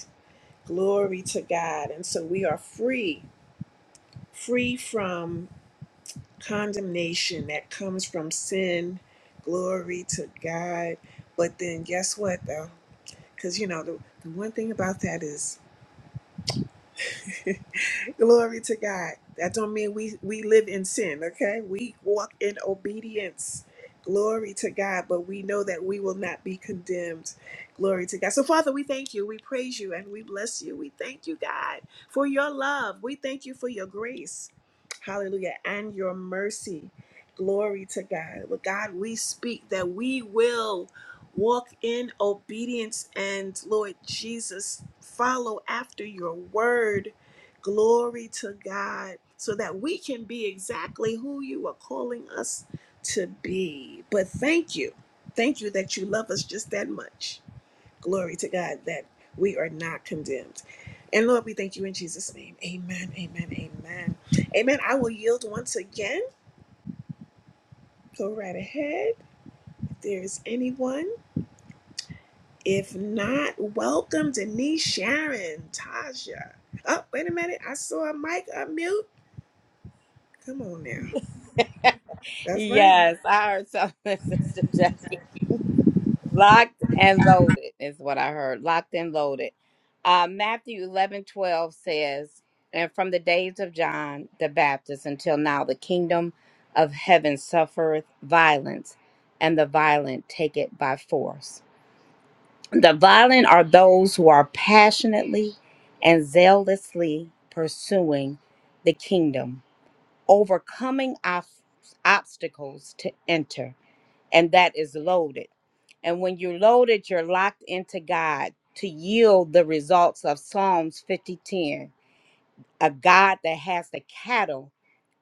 Speaker 1: Glory to God. And so we are free, free from condemnation that comes from sin. Glory to God. But then guess what, though? Because, you know, the, the one thing about that is Glory to God. That don't mean we we live in sin, okay? We walk in obedience. Glory to God, but we know that we will not be condemned. Glory to God. So Father, we thank you. We praise you and we bless you. We thank you, God, for your love. We thank you for your grace. Hallelujah. And your mercy. Glory to God. But God, we speak that we will walk in obedience and Lord Jesus follow after your word Glory to God, so that we can be exactly who you are calling us to be. But thank you. Thank you that you love us just that much. Glory to God that we are not condemned. And Lord, we thank you in Jesus' name. Amen, amen, amen. Amen. I will yield once again. Go right ahead. If there's anyone, if not, welcome Denise, Sharon, Tasha. Oh, wait a minute. I saw a mic unmute. Come on now. That's right.
Speaker 3: Yes, I heard something, Sister Jackie. Locked and loaded is what I heard. Locked and loaded. Uh, Matthew eleven twelve says, And from the days of John the Baptist until now, the kingdom of heaven suffereth violence, and the violent take it. The violent are those who are passionately and zealously pursuing the kingdom, overcoming ob- obstacles to enter and build it. And when you're locked in God, to yield results Psalms 50:10, a God that has the cattle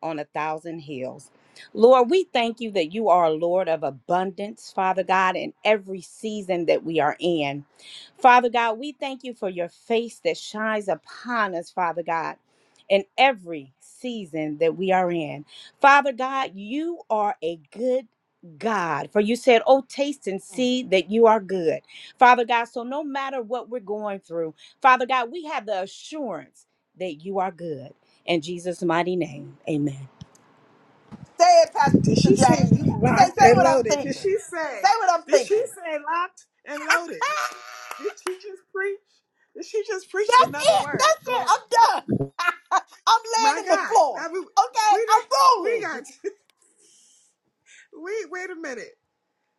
Speaker 3: on a thousand hills. Lord, we thank you that you are a Lord of abundance, Father God, in every season that we are in. Father God, we thank you for your face that shines upon us, Father God, in every season that we are in. Father God, you are a good God, for you said, Oh, taste and see that you are good. Father God, so no matter what we're going through, Father God, we have the assurance that you are good. In Jesus' mighty name, amen.
Speaker 2: Say it,
Speaker 1: Did she
Speaker 2: Pastor
Speaker 1: say
Speaker 2: Jackie. You say
Speaker 1: locked
Speaker 2: say
Speaker 1: and
Speaker 2: what I'm
Speaker 1: loaded? Did
Speaker 2: thinking.
Speaker 1: she say?
Speaker 2: Say what I'm
Speaker 1: Did she
Speaker 2: thinking.
Speaker 1: say locked and loaded? Did she just preach? Did she just preach
Speaker 2: That's
Speaker 1: another
Speaker 2: it.
Speaker 1: word?
Speaker 2: That's it.
Speaker 1: Glory.
Speaker 2: I'm done. I'm
Speaker 1: My
Speaker 2: laying in the
Speaker 1: God.
Speaker 2: floor.
Speaker 1: I mean,
Speaker 2: Okay,
Speaker 1: we did,
Speaker 2: I'm
Speaker 1: we
Speaker 2: rolling.
Speaker 1: got wait wait a minute.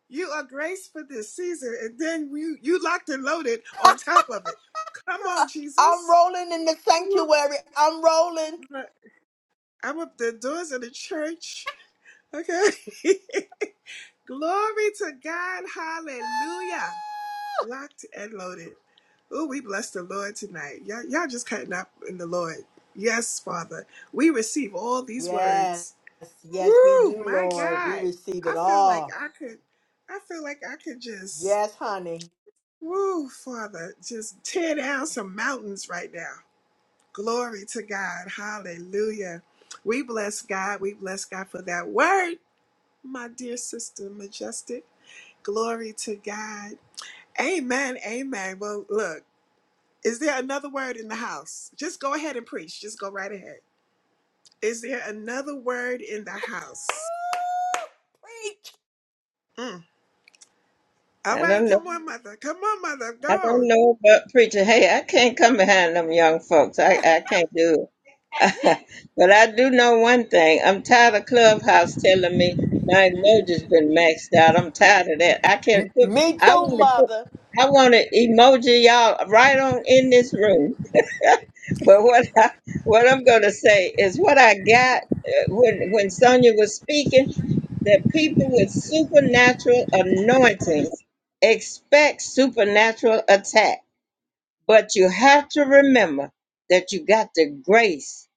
Speaker 1: You are graced for this season and then you you locked and loaded on top of it. Come
Speaker 2: Girl,
Speaker 1: on,
Speaker 2: I'm
Speaker 1: Jesus.
Speaker 2: rolling in the
Speaker 1: Woo.
Speaker 2: sanctuary. I'm rolling.
Speaker 1: Look, I'm up the doors of the church. Okay. Glory to God. Hallelujah. Locked and loaded. Oh, we bless the Lord tonight. Y'all, y'all just cutting up in the Lord. Yes, Father. We receive all these
Speaker 2: Yes,
Speaker 1: words.
Speaker 2: yes, we
Speaker 1: Woo,
Speaker 2: do,
Speaker 1: my
Speaker 2: Lord. We
Speaker 1: God.
Speaker 2: receive it
Speaker 1: I feel like
Speaker 2: all.
Speaker 1: I could, I feel like I could just,
Speaker 2: Yes, honey.
Speaker 1: woo, Father, just tear down some mountains right now. Glory to God. Hallelujah. We bless God. We bless God for that word, my dear sister, majestic. Glory to God. Amen. Amen. Well, look. Is there another word in the house? Just go ahead and preach. Just go right ahead. Is there another word in the house?
Speaker 2: Preach.
Speaker 1: Mm. All
Speaker 4: I
Speaker 1: right,
Speaker 4: don't know.
Speaker 1: come on, mother. Come on, mother.
Speaker 4: I don't
Speaker 1: Go.
Speaker 4: know about preacher. Hey, I can't come behind them young folks. I,
Speaker 1: Ah,
Speaker 4: I can't do it. but I do know one thing. I'm tired of Clubhouse telling me my emoji's been maxed out. I'm tired of that. I can't put.
Speaker 2: Me
Speaker 4: I
Speaker 2: too,
Speaker 4: want to put.
Speaker 2: mother.
Speaker 4: I want to emoji y'all right on in this room. But what I, what I'm going to say is what I got uh, when when Sonia was speaking that people with supernatural anointings expect supernatural attack. But you have to remember that you got the grace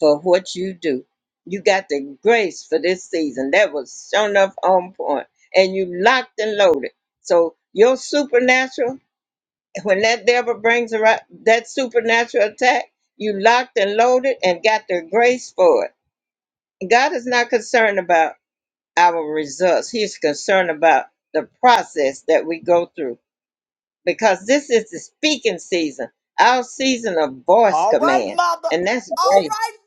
Speaker 4: for what you do. You got the grace for this season. That was shown enough on point. And you locked and loaded. So your supernatural, when that devil brings around that supernatural attack, you locked and loaded and got the grace for it. God is not concerned about our results. He's concerned about the process that we go through because this is the speaking season, our season of voice
Speaker 2: All right,
Speaker 4: command.
Speaker 2: mother.
Speaker 4: And that's
Speaker 2: All
Speaker 4: grace.
Speaker 2: right,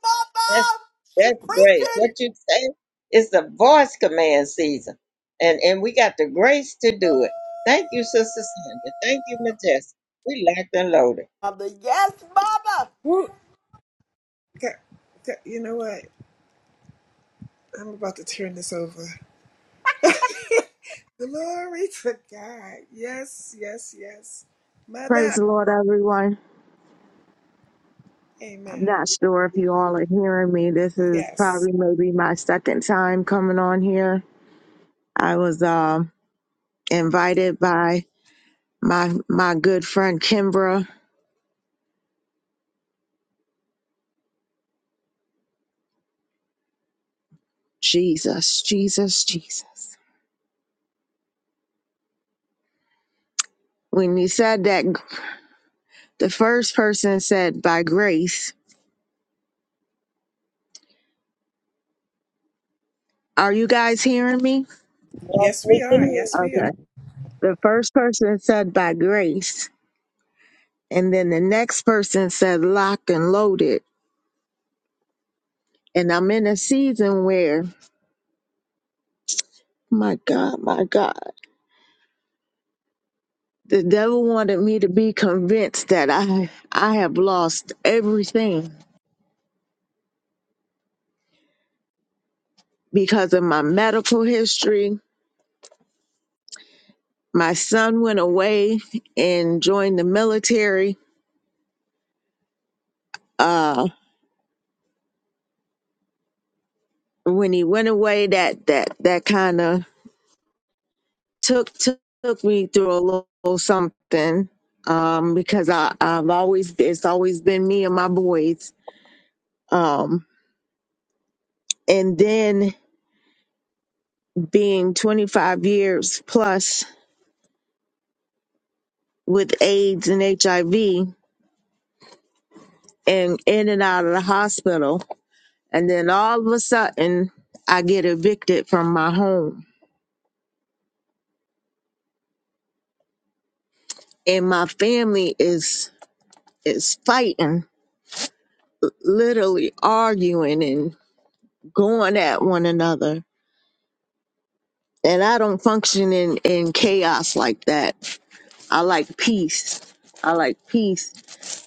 Speaker 4: That's
Speaker 2: mother. She
Speaker 4: that's grace.
Speaker 2: preaching.
Speaker 4: What you say is the voice command season. And and we got the grace to do it. Thank you, Sister Sandra. Thank you, Majestic. We locked and loaded.
Speaker 2: Mother, yes, mother.
Speaker 1: woo. Okay. Okay, You know what? I'm about to turn this over. Glory to God. Yes, yes, yes.
Speaker 7: Praise
Speaker 1: Mother.
Speaker 7: the Lord, everyone. I'm
Speaker 1: Amen.
Speaker 7: not sure if you all are hearing me. This is
Speaker 1: Yes.
Speaker 7: probably maybe my second time coming on here. I was um, invited by my my good friend Kimbra. Jesus, Jesus, Jesus. When you said that, the first person said by grace. Are you guys hearing me?
Speaker 8: Yes,
Speaker 1: Yes,
Speaker 8: we
Speaker 1: we are.
Speaker 8: can.
Speaker 1: Yes, we
Speaker 7: Okay.
Speaker 1: are.
Speaker 7: The first person said by grace, and then the next person said locked and loaded. And I'm in a season where My God, my God. The devil wanted me to be convinced that I I have lost everything because of my medical history. My son went away and joined the military. Uh when he went away that that that kind of took took me through a little something um because I I've always it's always been me and my boys. Um and then being 25 years plus with AIDS and HIV and in and out of the hospital. And then all of a sudden, I get evicted from my home. And my family is is fighting, literally arguing and going at one another. And I don't function in, in chaos like that. I like peace. I like peace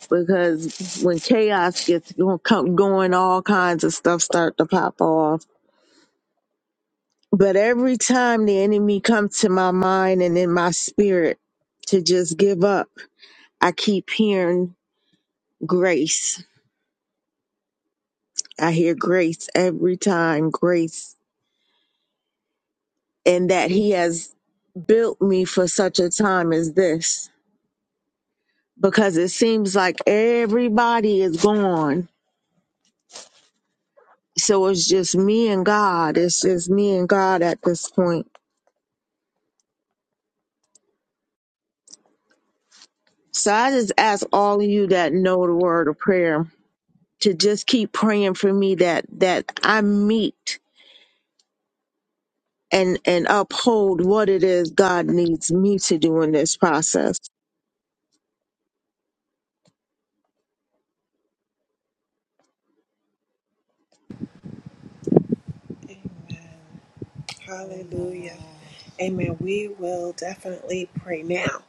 Speaker 7: because when chaos gets go- come- going, all kinds of stuff start to pop off But every time the enemy comes to my mind and in my spirit to just give up, I keep hearing grace. I hear grace every time, grace, and that he has built me for such a time as this because it seems like everybody is gone. So it's just me and God. It's just me and God at this point. So I just ask all of you that know the word of prayer to just keep praying for me that that I meet and and uphold what it is God needs me to do in this process.
Speaker 1: Amen. Hallelujah.
Speaker 2: Amen.
Speaker 1: Amen. We will definitely pray now.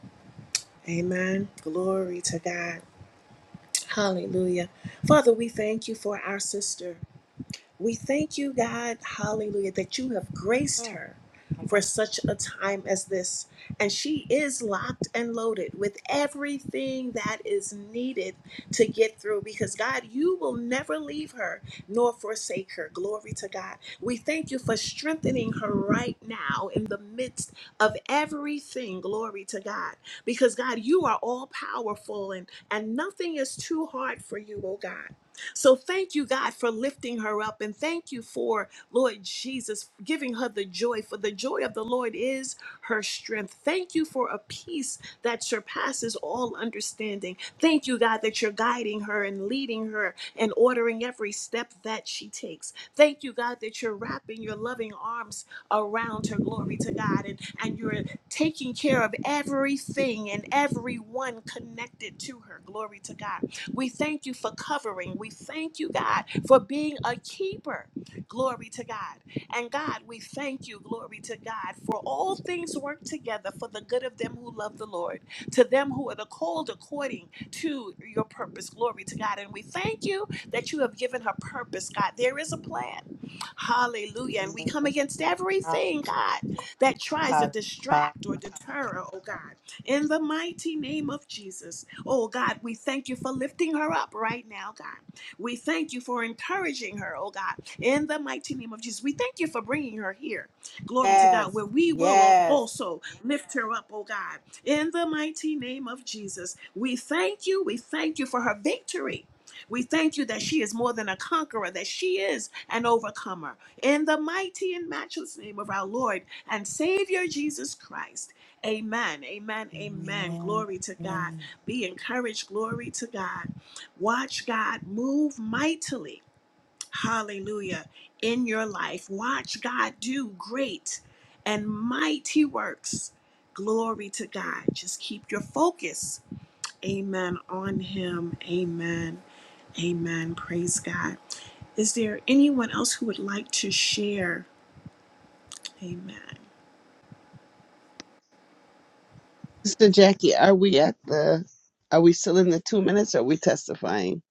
Speaker 1: Amen. Glory to God. Hallelujah. Father, we thank you for our sister. We thank you, God, hallelujah, that you have graced
Speaker 2: Oh,
Speaker 1: her
Speaker 2: my
Speaker 1: for
Speaker 2: God.
Speaker 1: such a time as this. And she is locked and loaded with everything that is needed to get through because, God, you will never leave her nor forsake her. Glory to God. We thank you for strengthening her right now in the midst of everything. Glory to God. Because, God, you are all powerful and, and nothing is too hard for you, oh God. So thank you, God, for lifting her up. And thank you for, Lord Jesus, giving her the joy. For the joy of the Lord is her strength. Thank you for a peace that surpasses all understanding. Thank you, God, that you're guiding her and leading her and ordering every step that she takes. Thank you, God, that you're wrapping your loving arms around her. Glory to God. And, and you're taking care of everything and everyone connected to her. Glory to God. We thank you for covering. We thank you, God, for being a keeper. Glory to God. And God, we thank you, glory to God, for all things work together for the good of them who love the Lord, to them who are the called according to your purpose. Glory to God. And we thank you that you have given her purpose, God. There is a plan. Hallelujah. And we come against everything, God, that tries to distract or deter her, oh God in the mighty name of Jesus. Oh God, we thank you for lifting her up right now, God. We thank you for encouraging her, oh God, in the mighty name of Jesus. We thank you for bringing her here. Glory to God,
Speaker 2: Yes,
Speaker 1: where we will
Speaker 2: yes.
Speaker 1: also lift her up, oh God, in the mighty name of Jesus. We thank you. We thank you for her victory. We thank you that she is more than a conqueror, that she is an overcomer. In the mighty and matchless name of our Lord and Savior Jesus Christ. Amen. Amen. Amen.
Speaker 2: Amen.
Speaker 1: Glory to God.
Speaker 2: Amen.
Speaker 1: Be encouraged. Glory to God. Watch God move mightily. Hallelujah. In your life. Watch God do great and mighty works. Glory to God. Just keep your focus. Amen. On Him. Amen. Amen. Praise God. Is there anyone else who would like to share? Amen.
Speaker 6: Sister Jackie, are we at the, are we still in the two minutes or are we testifying?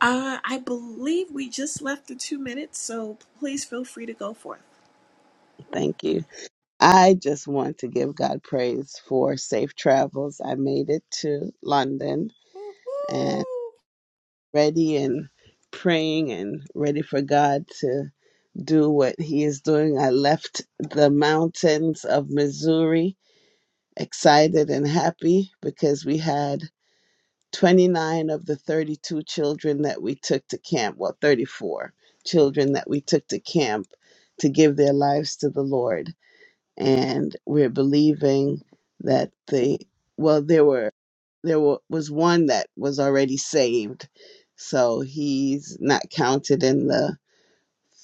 Speaker 1: Uh, I believe we just left the two minutes, so please feel free to go forth.
Speaker 6: Thank you. I just want to give God praise for safe travels. I made it to London
Speaker 2: Woo-hoo.
Speaker 6: and ready and praying and ready for God to do what He is doing. I left the mountains of Missouri excited and happy because we had 29 of the 32 children that we took to camp, well, 34 children that we took to camp to give their lives to the Lord and we're believing that the well there were there wa- was one that was already saved so he's not counted in the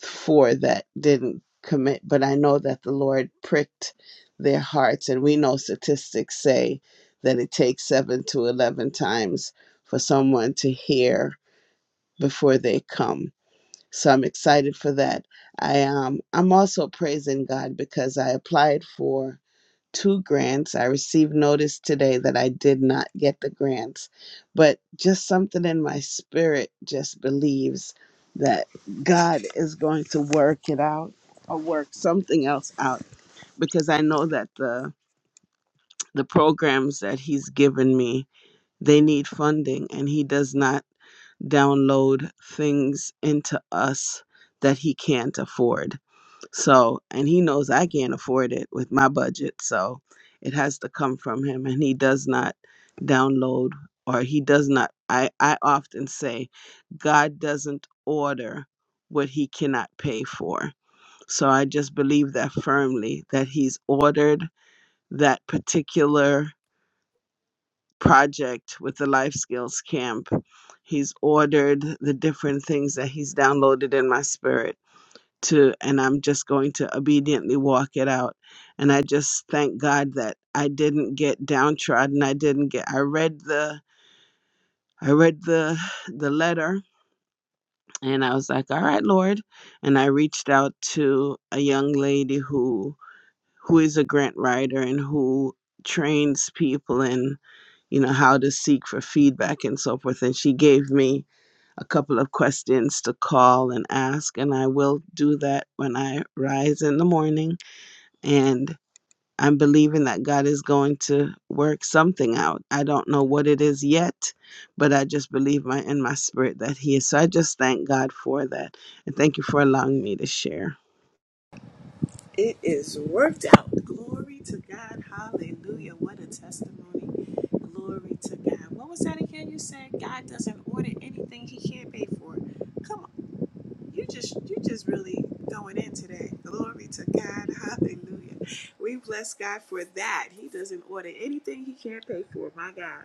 Speaker 6: four that didn't commit but i know that the lord pricked their hearts and we know statistics say that it takes 7 to 11 times for someone to hear before they come so i'm excited for that i um i'm also praising god because i applied for two grants. I received notice today that I did not get the grants, but just something in my spirit just believes that God is going to work it out or work something else out because I know that the the programs that he's given me, they need funding and he does not download things into us that he can't afford. So, and he knows I can't afford it with my budget. So, it has to come from him. And he does not download or he does not. I, I often say God doesn't order what he cannot pay for. So, I just believe that firmly that he's ordered that particular project with the Life Skills Camp. He's ordered the different things that he's downloaded in my spirit to and I'm just going to obediently walk it out. And I just thank God that I didn't get downtrodden. I didn't get I read the I read the the letter and I was like, "All right, Lord." And I reached out to a young lady who who is a grant writer and who trains people in, you know, how to seek for feedback and so forth. And she gave me a couple of questions to call and ask, and I will do that when I rise in the morning And I'm believing that God is going to work something out. I don't know what it is yet, but I just believe my in my spirit that He is. So I just thank God for that. And thank you for allowing me to share.
Speaker 1: It is worked out. Glory to God. Hallelujah. What a testimony. Glory to God. What was that again? You said God doesn't order anything he can't pay for. Come on. You just you just really going in today. Glory to God. Hallelujah. We bless God for that. He doesn't order anything he can't pay for. My God.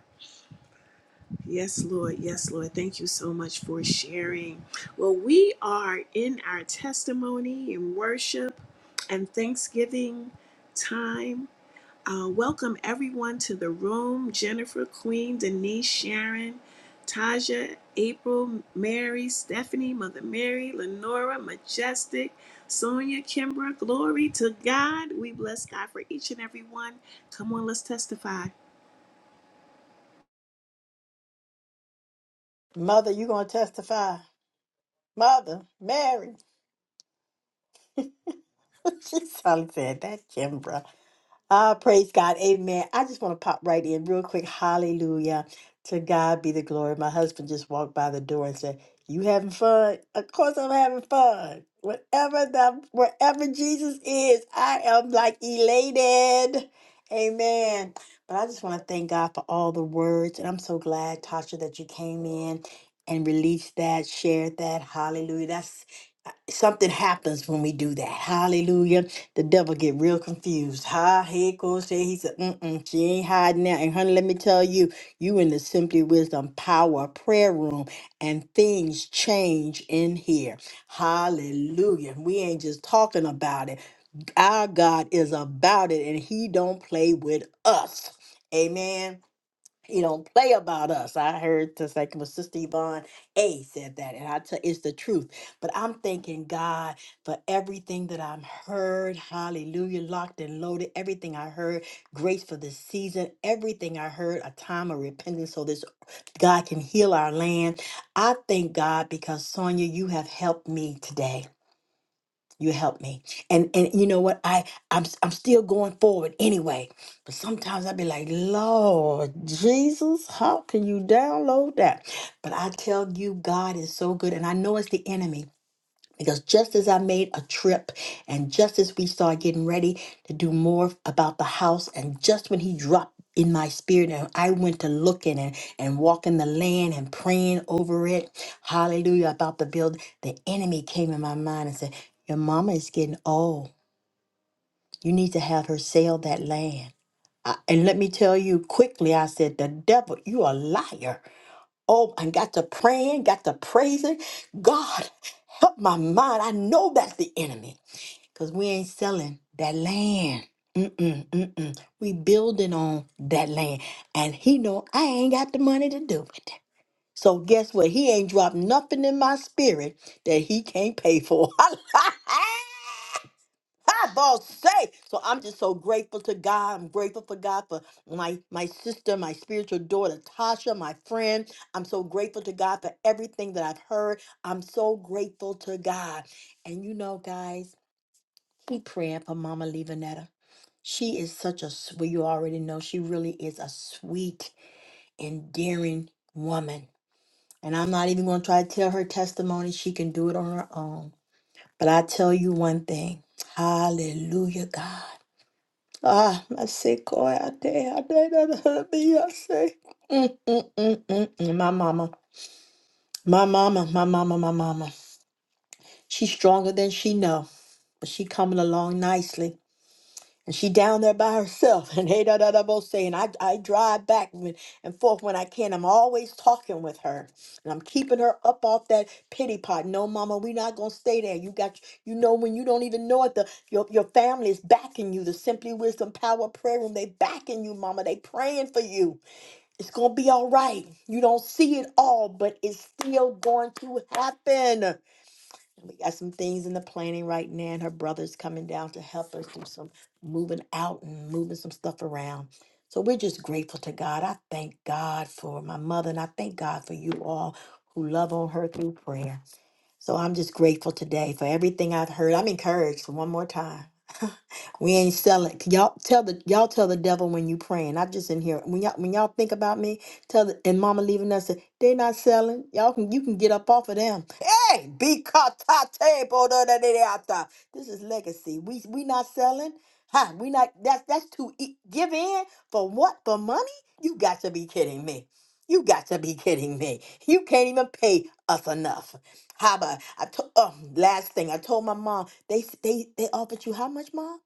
Speaker 1: Yes, Lord. Yes, Lord. Thank you so much for sharing. Well, we are in our testimony and worship and Thanksgiving time. Uh, welcome everyone to the room Jennifer, Queen, Denise, Sharon, Taja, April, Mary, Stephanie, Mother Mary, Lenora, Majestic, Sonia, Kimbra. Glory to God. We bless God for each and every one. Come on, let's testify.
Speaker 2: Mother, you gonna testify? Mother, Mary. she sounded said that Kimbra. Ah, praise God. Amen. I just want to pop right in real quick. Hallelujah. To God be the glory. My husband just walked by the door and said, You having fun? Of course I'm having fun. Whatever the wherever Jesus is, I am like elated. Amen. But I just want to thank God for all the words. And I'm so glad, Tasha, that you came in and released that, shared that. Hallelujah. That's uh, something happens when we do that. Hallelujah the devil get real confused. Ha, here goes say he said, mm-mm, she ain't hiding now. And honey, let me tell you, you in the Simply Wisdom Power Prayer Room, and things change in here. Hallelujah. We ain't just talking about it. Our God is about it, and he don't play with us. Amen. He don't play about us. I heard this like my Sister Yvonne A said that, and I tell it's the truth. But I'm thanking God for everything that I've heard. Hallelujah, locked and loaded. Everything I heard, grace for this season. Everything I heard, a time of repentance, so this God can heal our land. I thank God because Sonia, you have helped me today you help me and and you know what i i'm, I'm still going forward anyway but sometimes i'd be like lord jesus how can you download that but i tell you god is so good and i know it's the enemy because just as I made a trip and just as we started getting ready to do more about the house, and just when he dropped in my spirit and I went to looking and, and walking the land and praying over it, hallelujah, about the build, the enemy came in my mind and said, Your mama is getting old. You need to have her sell that land. I, and let me tell you quickly, I said, The devil, you a liar. Oh, and got to praying, got to praising. God, help my mind. I know that's the enemy because we ain't selling that land. Mm-mm, mm-mm. We building on that land. And he know I ain't got the money to do it. So guess what? He ain't dropped nothing in my spirit that he can't pay for. Ah, boss say. So I'm just so grateful to God. I'm grateful for God for my my sister, my spiritual daughter, Tasha, my friend. I'm so grateful to God for everything that I've heard. I'm so grateful to God. And you know, guys, keep praying for Mama Levanetta. She is such a sweet. you already know she really is a sweet, endearing woman. And I'm not even going to try to tell her testimony. She can do it on her own. But I tell you one thing. Hallelujah, God. Ah, my say, go out there. I did not be. I say, mm, mm, mm, mm, mm. my mama, my mama, my mama, my mama. She's stronger than she know, but she coming along nicely. And she down there by herself, and hey da da da both saying, I I drive back with- and forth when I can. I'm always talking with her, and I'm keeping her up off that pity pot. No, mama, we not gonna stay there. You got you know when you don't even know it, the your your family is backing you. The Simply Wisdom Power Prayer Room, they backing you, mama. They praying for you. It's gonna be all right. You don't see it all, but it's still going to happen. And we got some things in the planning right now, and her brother's coming down to help us do some moving out and moving some stuff around. So we're just grateful to God. I thank God for my mother, and I thank God for you all who love on her through prayer. So I'm just grateful today for everything I've heard. I'm encouraged one more time. we ain't selling. Y'all tell the y'all tell the devil when you praying. I'm just in here. When y'all when y'all think about me, tell the, and Mama leaving us. say, They not selling. Y'all can you can get up off of them. Hey, be caught table This is legacy. We we not selling. Ha, we not that's that's too e- give in for what for money? You got to be kidding me. You got to be kidding me. You can't even pay us enough. Haba, I told. Oh, last thing I told my mom. They they they offered you how much, mom?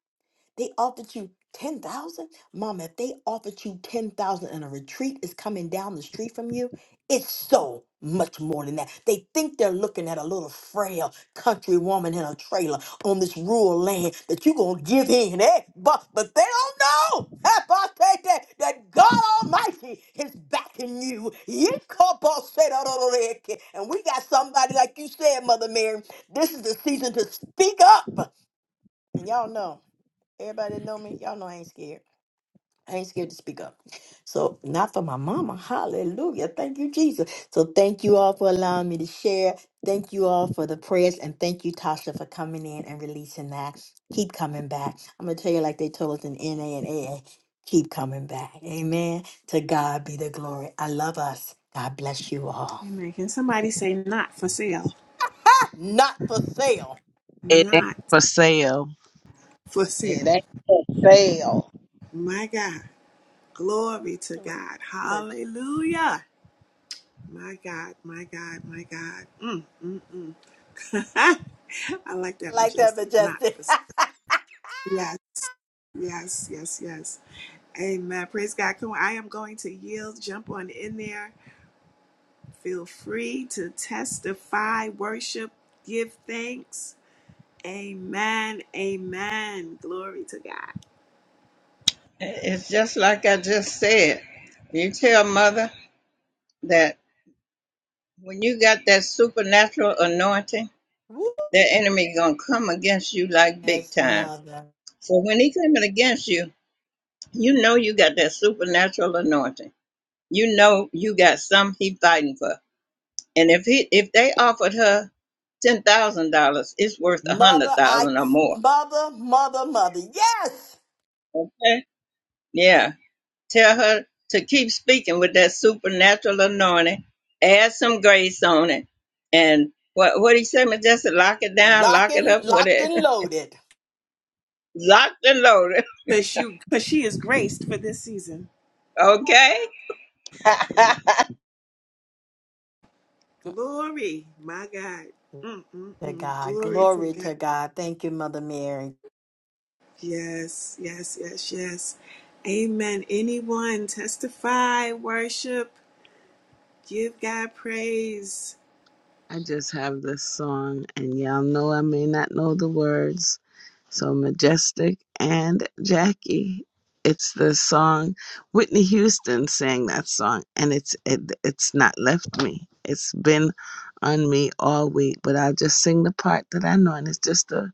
Speaker 2: They offered you 10,000? Mom, if they offered you 10,000 and a retreat is coming down the street from you, it's so much more than that. They think they're looking at a little frail country woman in a trailer on this rural land that you're going to give in, eh? But, but they don't know eh, but they- they- that God Almighty is backing you. Yikabosedororeke. And we got somebody, like you said, Mother Mary, this is the season to speak up. And y'all know. Everybody know me. Y'all know I ain't scared. I ain't scared to speak up. So not for my mama. Hallelujah. Thank you, Jesus. So thank you all for allowing me to share. Thank you all for the prayers and thank you, Tasha, for coming in and releasing that. Keep coming back. I'm gonna tell you like they told us in NA and A A. Keep coming back. Amen. To God be the glory. I love us. God bless you all.
Speaker 1: Amen. Can somebody say not for sale?
Speaker 2: Not for sale.
Speaker 6: It ain't
Speaker 1: not
Speaker 6: for sale.
Speaker 1: for
Speaker 8: It
Speaker 1: sale.
Speaker 8: ain't a fail.
Speaker 1: My God. Glory to God. Hallelujah. My God, my God, my God. Mm, mm, mm. I like that
Speaker 2: Like that,
Speaker 1: majestic. Not
Speaker 2: Majestic.
Speaker 1: for sale. Yes, yes, yes, yes. Amen. Praise God. Come on. I am going to yield. Jump on in there. Feel free to testify, worship, give thanks. Amen. Amen. Glory to God.
Speaker 4: It's just like I just said. You tell mother that when you got that supernatural anointing,
Speaker 2: Woo.
Speaker 4: that enemy gonna come against you like big
Speaker 2: yes,
Speaker 4: time.
Speaker 2: mother.
Speaker 4: So when he coming against you, You know you got that supernatural anointing. You know you got some he fighting for. And if he if they offered her ten thousand dollars, it's worth a hundred
Speaker 2: Mother, I,
Speaker 4: thousand or more.
Speaker 2: mother, mother, mother. Yes!
Speaker 4: Okay? Yeah. Tell her to keep speaking with that supernatural anointing. Add some grace on it. And what what he said, just lock it down,
Speaker 2: Lock
Speaker 4: lock it
Speaker 2: and,
Speaker 4: up, with
Speaker 2: locked
Speaker 4: it
Speaker 2: and loaded.
Speaker 4: locked and loaded.
Speaker 1: Because you because she is graced for this season.
Speaker 4: Okay?
Speaker 1: Glory, my God.
Speaker 2: To
Speaker 1: Mm-mm-mm.
Speaker 2: God.
Speaker 1: Glory to
Speaker 2: Glory
Speaker 1: God.
Speaker 2: to God. Thank you, Mother Mary.
Speaker 1: Yes, yes, yes, yes. Amen. Anyone testify, worship, give God praise.
Speaker 6: I just have this song, and y'all know I may not know the words. So Majestic and Jackie. It's the song Whitney Houston sang that song, and it's it, it's not left me. It's been on me all week, but I'll just sing the part that I know, and it's just a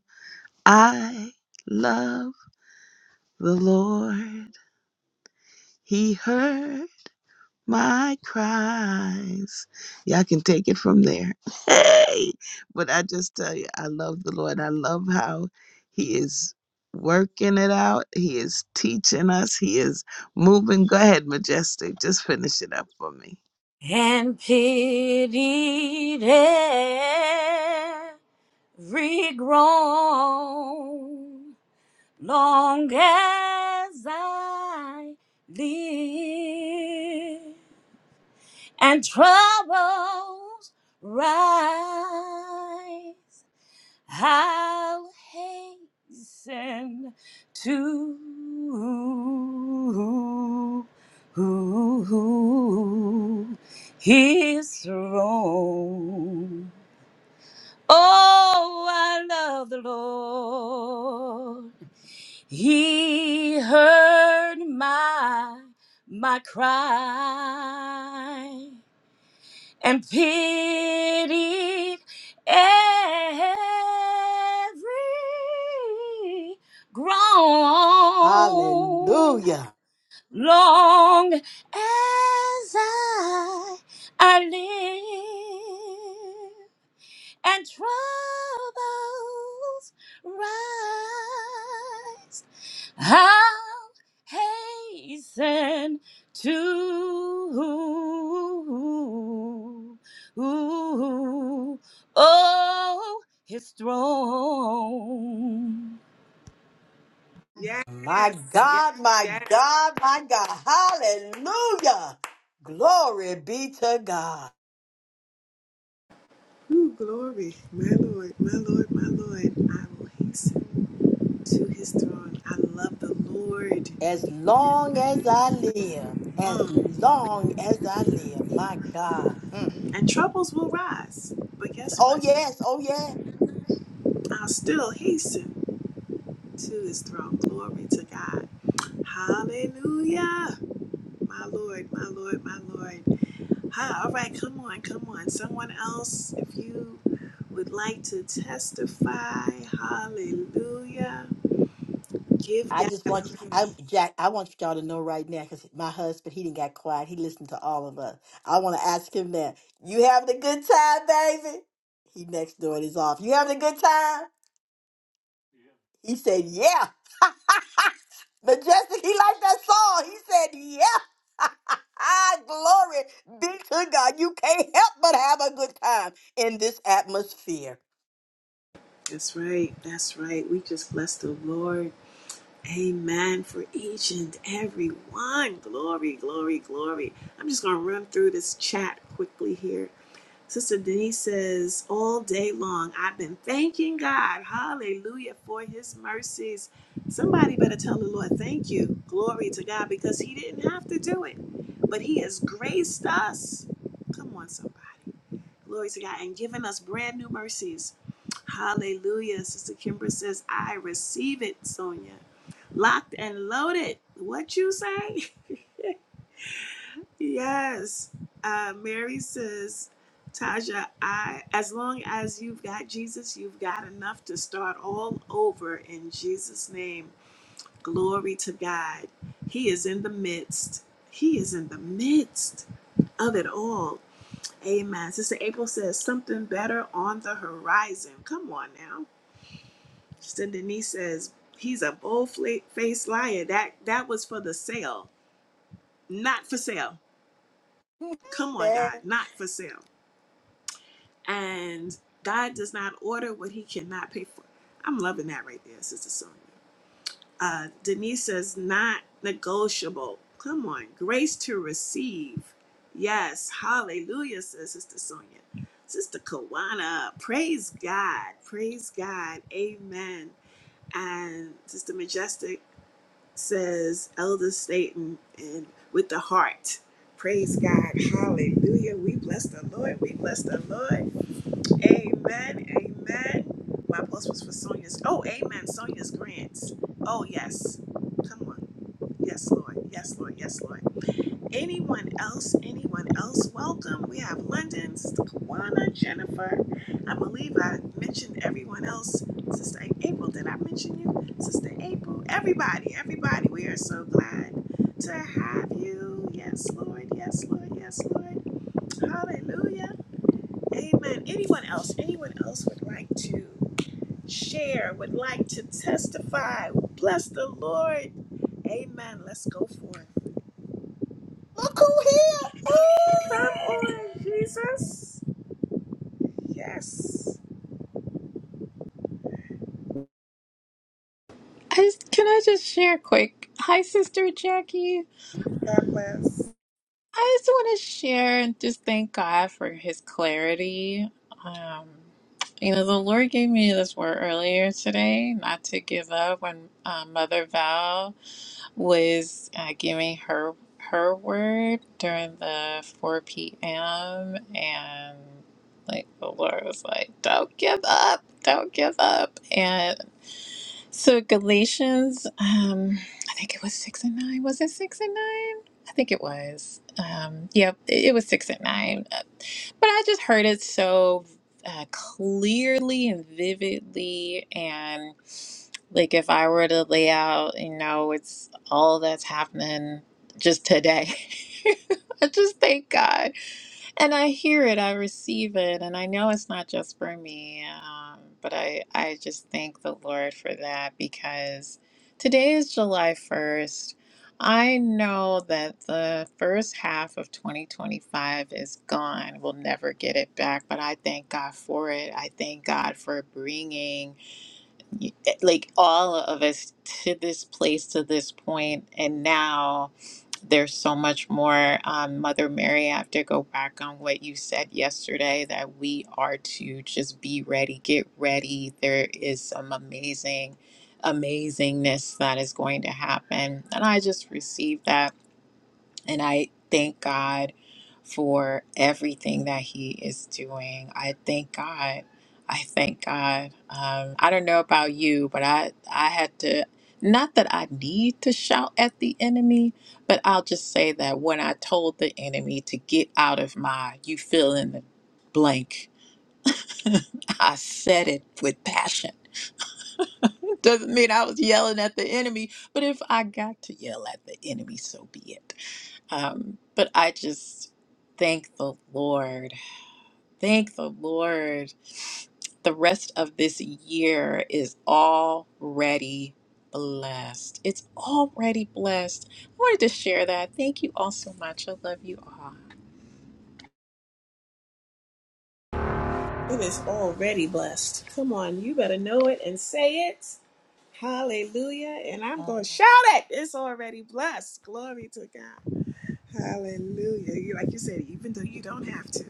Speaker 6: I love the Lord. He heard my cries. Y'all can take it from there. Hey, but I just tell you, I love the Lord. I love how He is working it out. He is teaching us. He is moving. Go ahead, Majestic. Just finish it up for me.
Speaker 3: I'll hasten to his throne. Oh, I love the Lord. He heard my my cry and pitied every groan
Speaker 2: Hallelujah.
Speaker 3: long as I, I live and troubles rise hasten to oh his throne.
Speaker 1: Yes,
Speaker 2: My
Speaker 1: yes,
Speaker 2: God, my
Speaker 1: yes.
Speaker 2: God, my God. Hallelujah. Glory be to God.
Speaker 1: Ooh, glory, my Lord, my Lord, my Lord. I will hasten to his throne. I love the Lord.
Speaker 2: As long as I live, as
Speaker 1: Mm.
Speaker 2: long as I live, my God. Mm.
Speaker 1: And troubles will rise. But guess
Speaker 2: Oh,
Speaker 1: what?
Speaker 2: yes. Oh, yes.
Speaker 1: I'll still hasten to his throne. Glory to God. Hallelujah. My Lord, my Lord, my Lord. Hi, all right, come on, come on. Someone else, if you would like to testify, hallelujah. Give
Speaker 2: I
Speaker 1: God
Speaker 2: just want you, I,
Speaker 1: praise.
Speaker 2: Jack, I want y'all to know right now because my husband, he didn't got quiet. He listened to all of us. I want to ask him now, you having a good time, baby? He next door is off. You having a good time? He said, yeah. Majestic, he liked that song. He said, yeah. Glory be to God. You can't help but have a good time in this atmosphere.
Speaker 1: That's right, that's right. We just bless the Lord. Amen for each and every one. Glory, glory, glory. I'm just going to run through this chat quickly here. Sister Denise says, All day long, I've been thanking God. Hallelujah for his mercies. Somebody better tell the Lord, Thank you. Glory to God, because he didn't have to do it, but he has graced us. Come on, somebody. Glory to God, and given us brand new mercies. Hallelujah. Sister Kimber says, I receive it, Sonia. Locked and loaded. What you say? Yes. Uh, Mary says, Taja, I as long as you've got Jesus, you've got enough to start all over in Jesus' name. Glory to God. He is in the midst. He is in the midst of it all. Amen. Sister April says something better on the horizon. Come on now. Sister Denise says he's a bold fla- faced liar. That that was for the sale, not for sale. Come on,
Speaker 2: Man,
Speaker 1: God, not for sale. and God does not order what he cannot pay for. I'm loving that right there, Sister Sonia. Uh, Denise says, not negotiable. Come on, grace to receive. Yes, hallelujah, says Sister Sonia. Sister Kawana, praise God, praise God, amen. And Sister Majestic says, Elder Staten, and with the heart. Praise God, hallelujah. We bless the Lord, we bless the Lord. Amen. Amen. My post was for Sonia's. Oh, amen. Sonia's grants. Oh, yes. Come on. Yes, Lord. Yes, Lord. Yes, Lord. Anyone else? Anyone else? Welcome. We have London, Sister Kawana, Jennifer. I believe I mentioned everyone else. Sister April, did I mention you? Sister April. Everybody, everybody, we are so glad to have you. Yes, Lord. Yes, Lord. Yes, Lord. Hallelujah. Amen. Anyone else? Anyone else would like to share, would like to testify? Bless the Lord. Amen. Let's go forth.
Speaker 2: look who
Speaker 1: Come on, Jesus. Yes.
Speaker 9: I can I just share quick? Hi, Sister Jackie.
Speaker 1: God bless.
Speaker 9: I just want to share and just thank God for His clarity. Um, you know, the Lord gave me this word earlier today, not to give up. When uh, Mother Val was uh, giving her her word during the four p.m. and like the Lord was like, "Don't give up, don't give up," and so Galatians, um, I think it was six and nine. Was it six and nine? I think it was. Um, yep, it it was six and nine. But I just heard it so uh, clearly and vividly. And like, if I were to lay out, you know, it's all that's happening just today. I just thank God. And I hear it, I receive it, and I know it's not just for me. Um, but I, I just thank the Lord for that because today is July 1st. I know that the first half of 2025 is gone. We'll never get it back, but I thank God for it. I thank God for bringing y- eh, like all of us to this place to this point and now there's so much more um, mother mary i have to go back on what you said yesterday that we are to just be ready get ready there is some amazing amazingness that is going to happen and i just received that and I thank God for everything that He is doing. I thank God. I thank God. Um, I don't know about you, but I, I had to, not that I need to shout at the enemy, but I'll just say that when I told the enemy to get out of my, you fill in the blank, I said it with passion doesn't mean I was yelling at the enemy, but if I got to yell at the enemy, so be it. Um, but I just thank the Lord. Thank the Lord. The rest of this year is already blessed. It's already blessed. I wanted to share that. Thank you all so much. I love you all.
Speaker 1: It is already blessed. Come on, you better know it and say it. Hallelujah. And I'm
Speaker 2: here.
Speaker 1: going to shout it. It's already blessed. Glory to God. Hallelujah. You, like you said, even though you don't have to.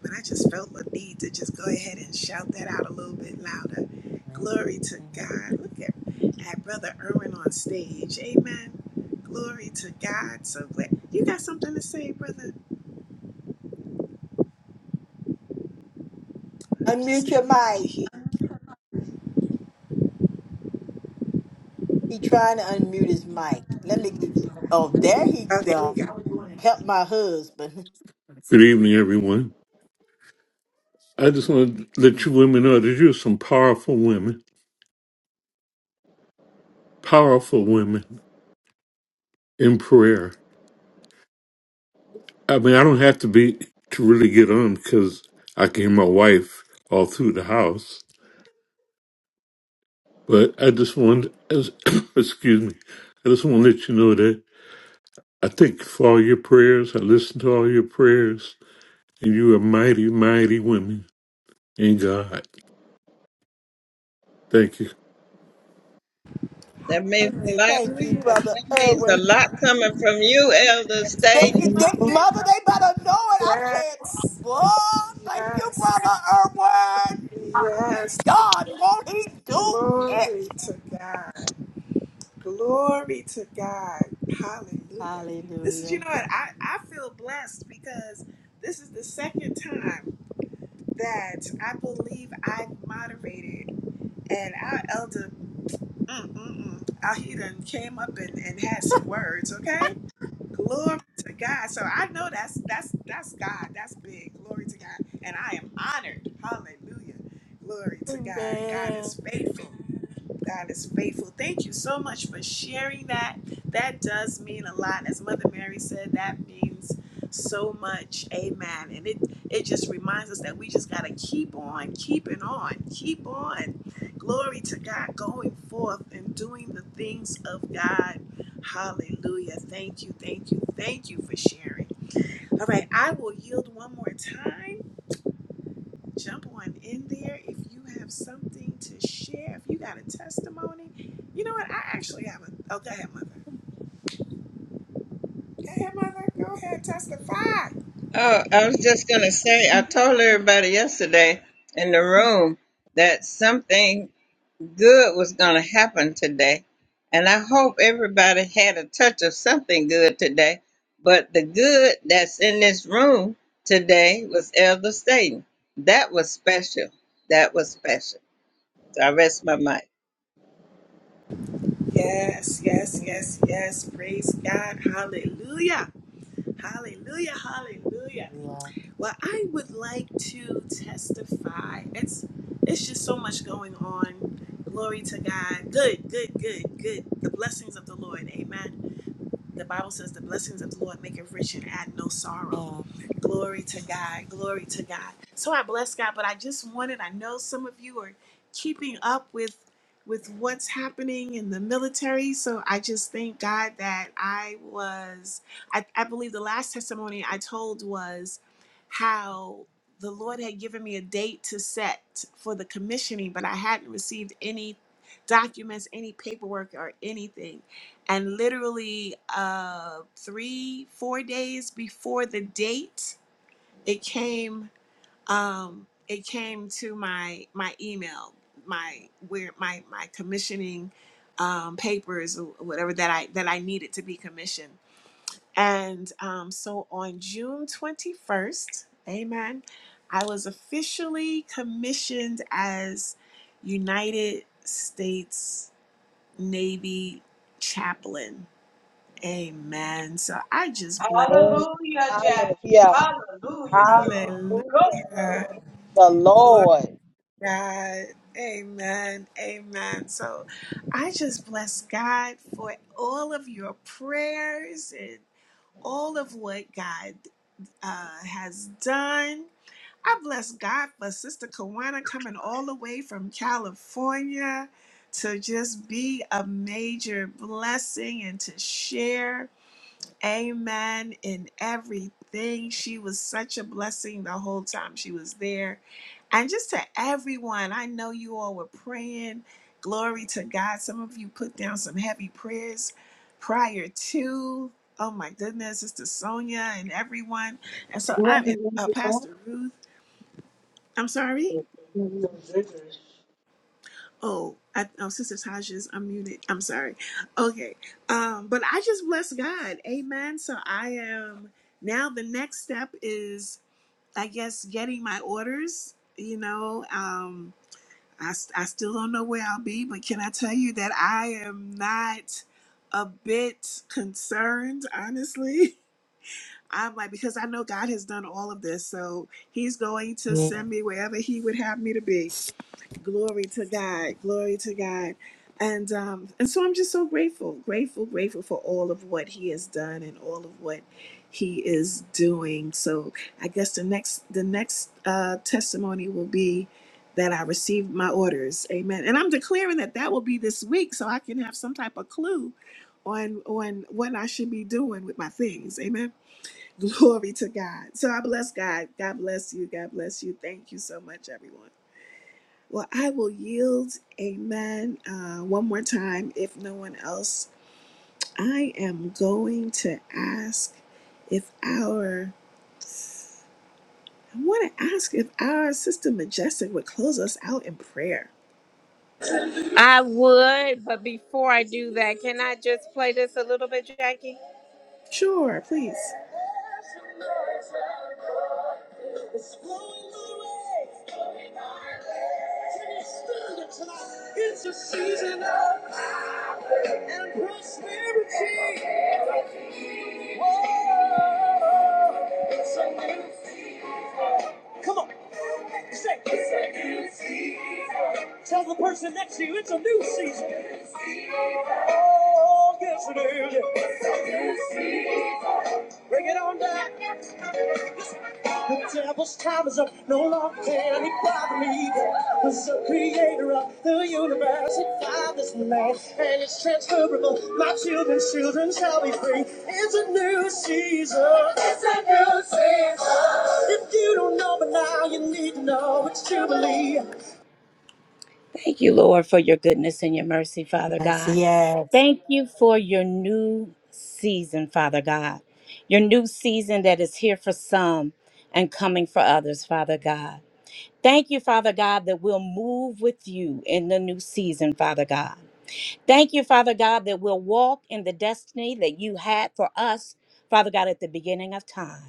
Speaker 1: But I just felt the need to just go ahead and shout that out a little bit louder. Glory to God. Look at, at Brother Irwin on stage. Amen. Glory to God. So glad. You got something to say, brother? I'm just
Speaker 2: Unmute
Speaker 1: saying,
Speaker 2: your
Speaker 1: you know you're
Speaker 2: mic.
Speaker 1: here.
Speaker 2: He trying to unmute his mic. Let me. Oh, there he
Speaker 1: Oh, there we
Speaker 2: go.
Speaker 1: go.
Speaker 2: Help my husband.
Speaker 10: Good evening, everyone. I just want to let you women know that you're some powerful women, powerful women in prayer. I mean, I don't have to be to really get on because I can hear my wife all through the house. But I just want, as- excuse me, I just want to let you know that I thank you for all your prayers. I listen to all your prayers, and you are mighty, mighty women in God. Thank you.
Speaker 4: That means a lot
Speaker 2: Thank you,
Speaker 1: Hallelujah.
Speaker 2: brother
Speaker 4: that means a
Speaker 2: Irwin.
Speaker 4: lot coming from you, Elder
Speaker 2: They,
Speaker 4: Staten.
Speaker 2: they mother, they better know it. I'm saying,
Speaker 1: Yes.
Speaker 2: boy, thank you,
Speaker 1: Yes.
Speaker 2: brother Irwin. Look
Speaker 1: Yes.
Speaker 2: at God. Won't he do it?
Speaker 1: Glory to God. Glory to God. Hallelujah. This is, you
Speaker 2: Hallelujah.
Speaker 1: know what, I, I feel blessed because this is the second time that I believe I moderated and our elder, mm, mm, mm, ah, he done came up and, and had some words, okay? Glory to God. So I know that's that's that's God. That's big. Glory to God. And I am honored. Hallelujah. Glory to God. God
Speaker 2: Amen.
Speaker 1: is faithful. God is faithful. Thank you so much for sharing that. That does mean a lot. As Mother Mary said, that means so much. Amen. And it it just reminds us that we just gotta keep on keeping on. Keep on. Glory to God going forth and doing the things of God Hallelujah. Thank you, thank you, thank you for sharing. All right, I will yield one more time. Jump on in there if you have something to share. If you got a testimony, you know what? I actually have a. Oh, go ahead, mother. Go ahead, mother. Go ahead, testify.
Speaker 4: Oh, I was just going to say, I told everybody yesterday in the room that something good was going to happen today. And I hope everybody had a touch of something good today. But the good that's in this room today was Elder Staten. That was special. That was special. So I rest my mic.
Speaker 1: Yes, yes, yes, yes. Praise God. Hallelujah. Hallelujah. Hallelujah.
Speaker 2: Hallelujah.
Speaker 1: Well, I would like to testify. It's it's just so much going on. Glory to God. Good, good, good, good. The blessings of the Lord. Amen. The Bible says the blessings of the Lord make it rich and add no sorrow. Glory to God. Glory to God. So I bless God, but I just wanted, I know some of you are keeping up with with what's happening in the military. So I just thank God that I was I, I believe the last testimony I told was how the Lord had given me a date to set for the commissioning, but I hadn't received any documents, any paperwork or anything. And literally uh three, four days before the date it came um it came to my my email my where my my commissioning um papers or whatever that i that i needed to be commissioned and um so on june 21st amen i was officially commissioned as united states navy chaplain amen so i just bless
Speaker 8: Hallelujah.
Speaker 11: Hallelujah, Jackie. Hallelujah, girl.
Speaker 1: hallelujah
Speaker 8: Hallelujah.
Speaker 11: Go, girl.
Speaker 8: The Lord.
Speaker 1: God. Amen. Amen. So I just bless God for all of your prayers and all of what God uh, has done. I bless God for Sister Kawana coming all the way from California to just be a major blessing and to share. Amen in everything. She was such a blessing the whole time she was there. And just to everyone, I know you all were praying. Glory to God. Some of you put down some heavy prayers prior to. Oh my goodness, Sister Sonia and everyone. And so I'm uh, Pastor Ruth. I'm sorry. Oh, I, oh, Sister Tasha's unmuted. I'm sorry. Okay. Um, but I just bless God. Amen. So I am now the next step is, I guess, getting my orders. You know, um, I, s- I still don't know where I'll be, but can I tell you that I am not a bit concerned, honestly? I'm like, because I know God has done all of this. So he's going to send me wherever he would have me to be. Glory to God. Glory to God. And um, and so I'm just so grateful, grateful, grateful for all of what He has done and all of what He is doing. So I guess the next the next uh, testimony will be that I received my orders. Amen. And I'm declaring that that will be this week, so I can have some type of clue on on what I should be doing with my things. Amen. Glory to God. So I bless God. God bless you. God bless you. Thank you so much, everyone. Well, I will yield, amen, uh, one more time if no one else. I am going to ask if our, I want to ask if our Sister Majestic would close us out in prayer.
Speaker 3: I would, but before I do that, can I just play this a little bit, Jackie?
Speaker 1: Sure, please.
Speaker 3: It's flowing my way. It's flowing my way. Can you feel it tonight? It's a season of power and prosperity. prosperity. Oh, it's a new season. Come on. Say, it's a new season. Tell the person next to you it's a new season. It's a new season. Oh, yes it is. It's a new season. Bring it on back. The devil's time is up, no longer can he bother me. Cause the creator of the universe, he found this man, and it's transferable. My children's children shall be free. It's a new season. It's a new season. If you don't know, but now you need to know it's Jubilee. Thank you, Lord, for your goodness and your mercy, Father
Speaker 2: Yes,
Speaker 3: God.
Speaker 2: yes.
Speaker 3: Thank you for your new season, Father God. Your new season that is here for some and coming for others, Father God. Thank you, Father God, that we'll move with you in the new season, Father God. Thank you, Father God, that we'll walk in the destiny that you had for us, Father God, at the beginning of time.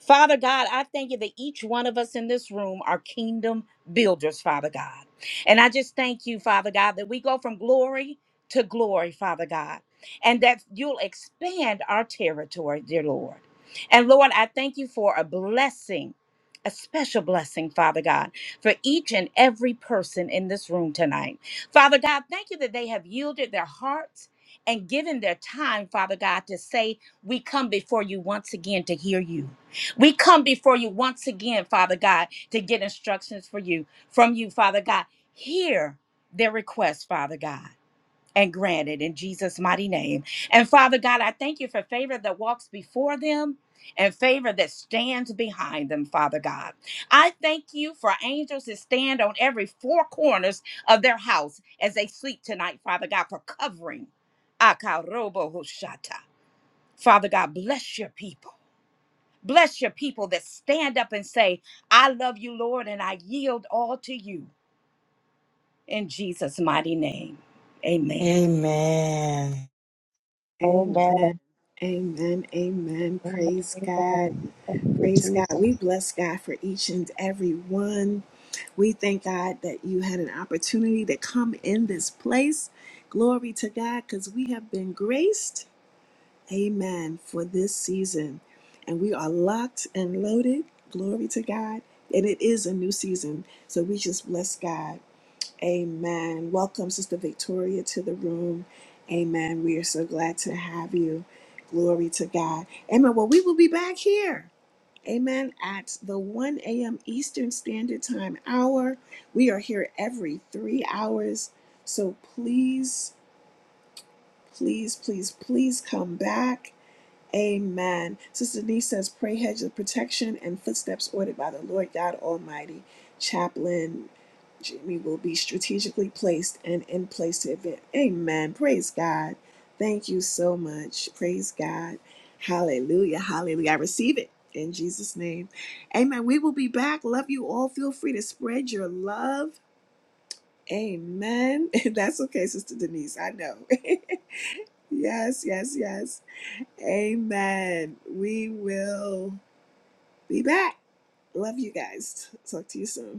Speaker 3: Father God, I thank you that each one of us in this room are kingdom builders, Father God. And I just thank you, Father God, that we go from glory to glory, Father God, and that you'll expand our territory, dear Lord. And Lord, I thank you for a blessing, a special blessing, Father God, for each and every person in this room tonight. Father God, thank you that they have yielded their hearts and given their time, Father God, to say, We come before you once again to hear you. We come before you once again, Father God, to get instructions for you from you, Father God. Hear their request, Father God. And grant it in Jesus' mighty name. And Father God, I thank you for favor that walks before them and favor that stands behind them, Father God. I thank you for angels that stand on every four corners of their house as they sleep tonight, Father God, for covering. Akarobo Hoshata. Father God, bless your people. Bless your people that stand up and say, I love you, Lord, and I yield all to you in Jesus' mighty name. Amen.
Speaker 2: Amen.
Speaker 7: Amen.
Speaker 1: Amen. Amen. Amen. Praise
Speaker 7: Amen.
Speaker 1: God.
Speaker 7: Yes,
Speaker 1: Praise God. We bless God for each and every one. We thank God that you had an opportunity to come in this place. Glory to God because we have been graced. Amen for this season. And we are locked and loaded. Glory to God. And it is a new season. So we just bless God. Amen. Welcome, Sister Victoria, to the room. Amen. We are so glad to have you. Glory to God. Amen. Well, we will be back here. Amen. At the 1 a.m. Eastern Standard Time hour. We are here every three hours. So please, please, please, please come back. Amen. Sister Denise says, pray hedge of protection and footsteps ordered by the Lord God Almighty. Chaplain Jimmy will be strategically placed and in place to event. Amen. Praise God. Thank you so much. Praise God. Hallelujah. Hallelujah. I receive it in Jesus' name. Amen. We will be back. Love you all. Feel free to spread your love. Amen. That's okay, Sister Denise. I know. yes, yes, yes. Amen. We will be back. Love you guys. Talk to you soon.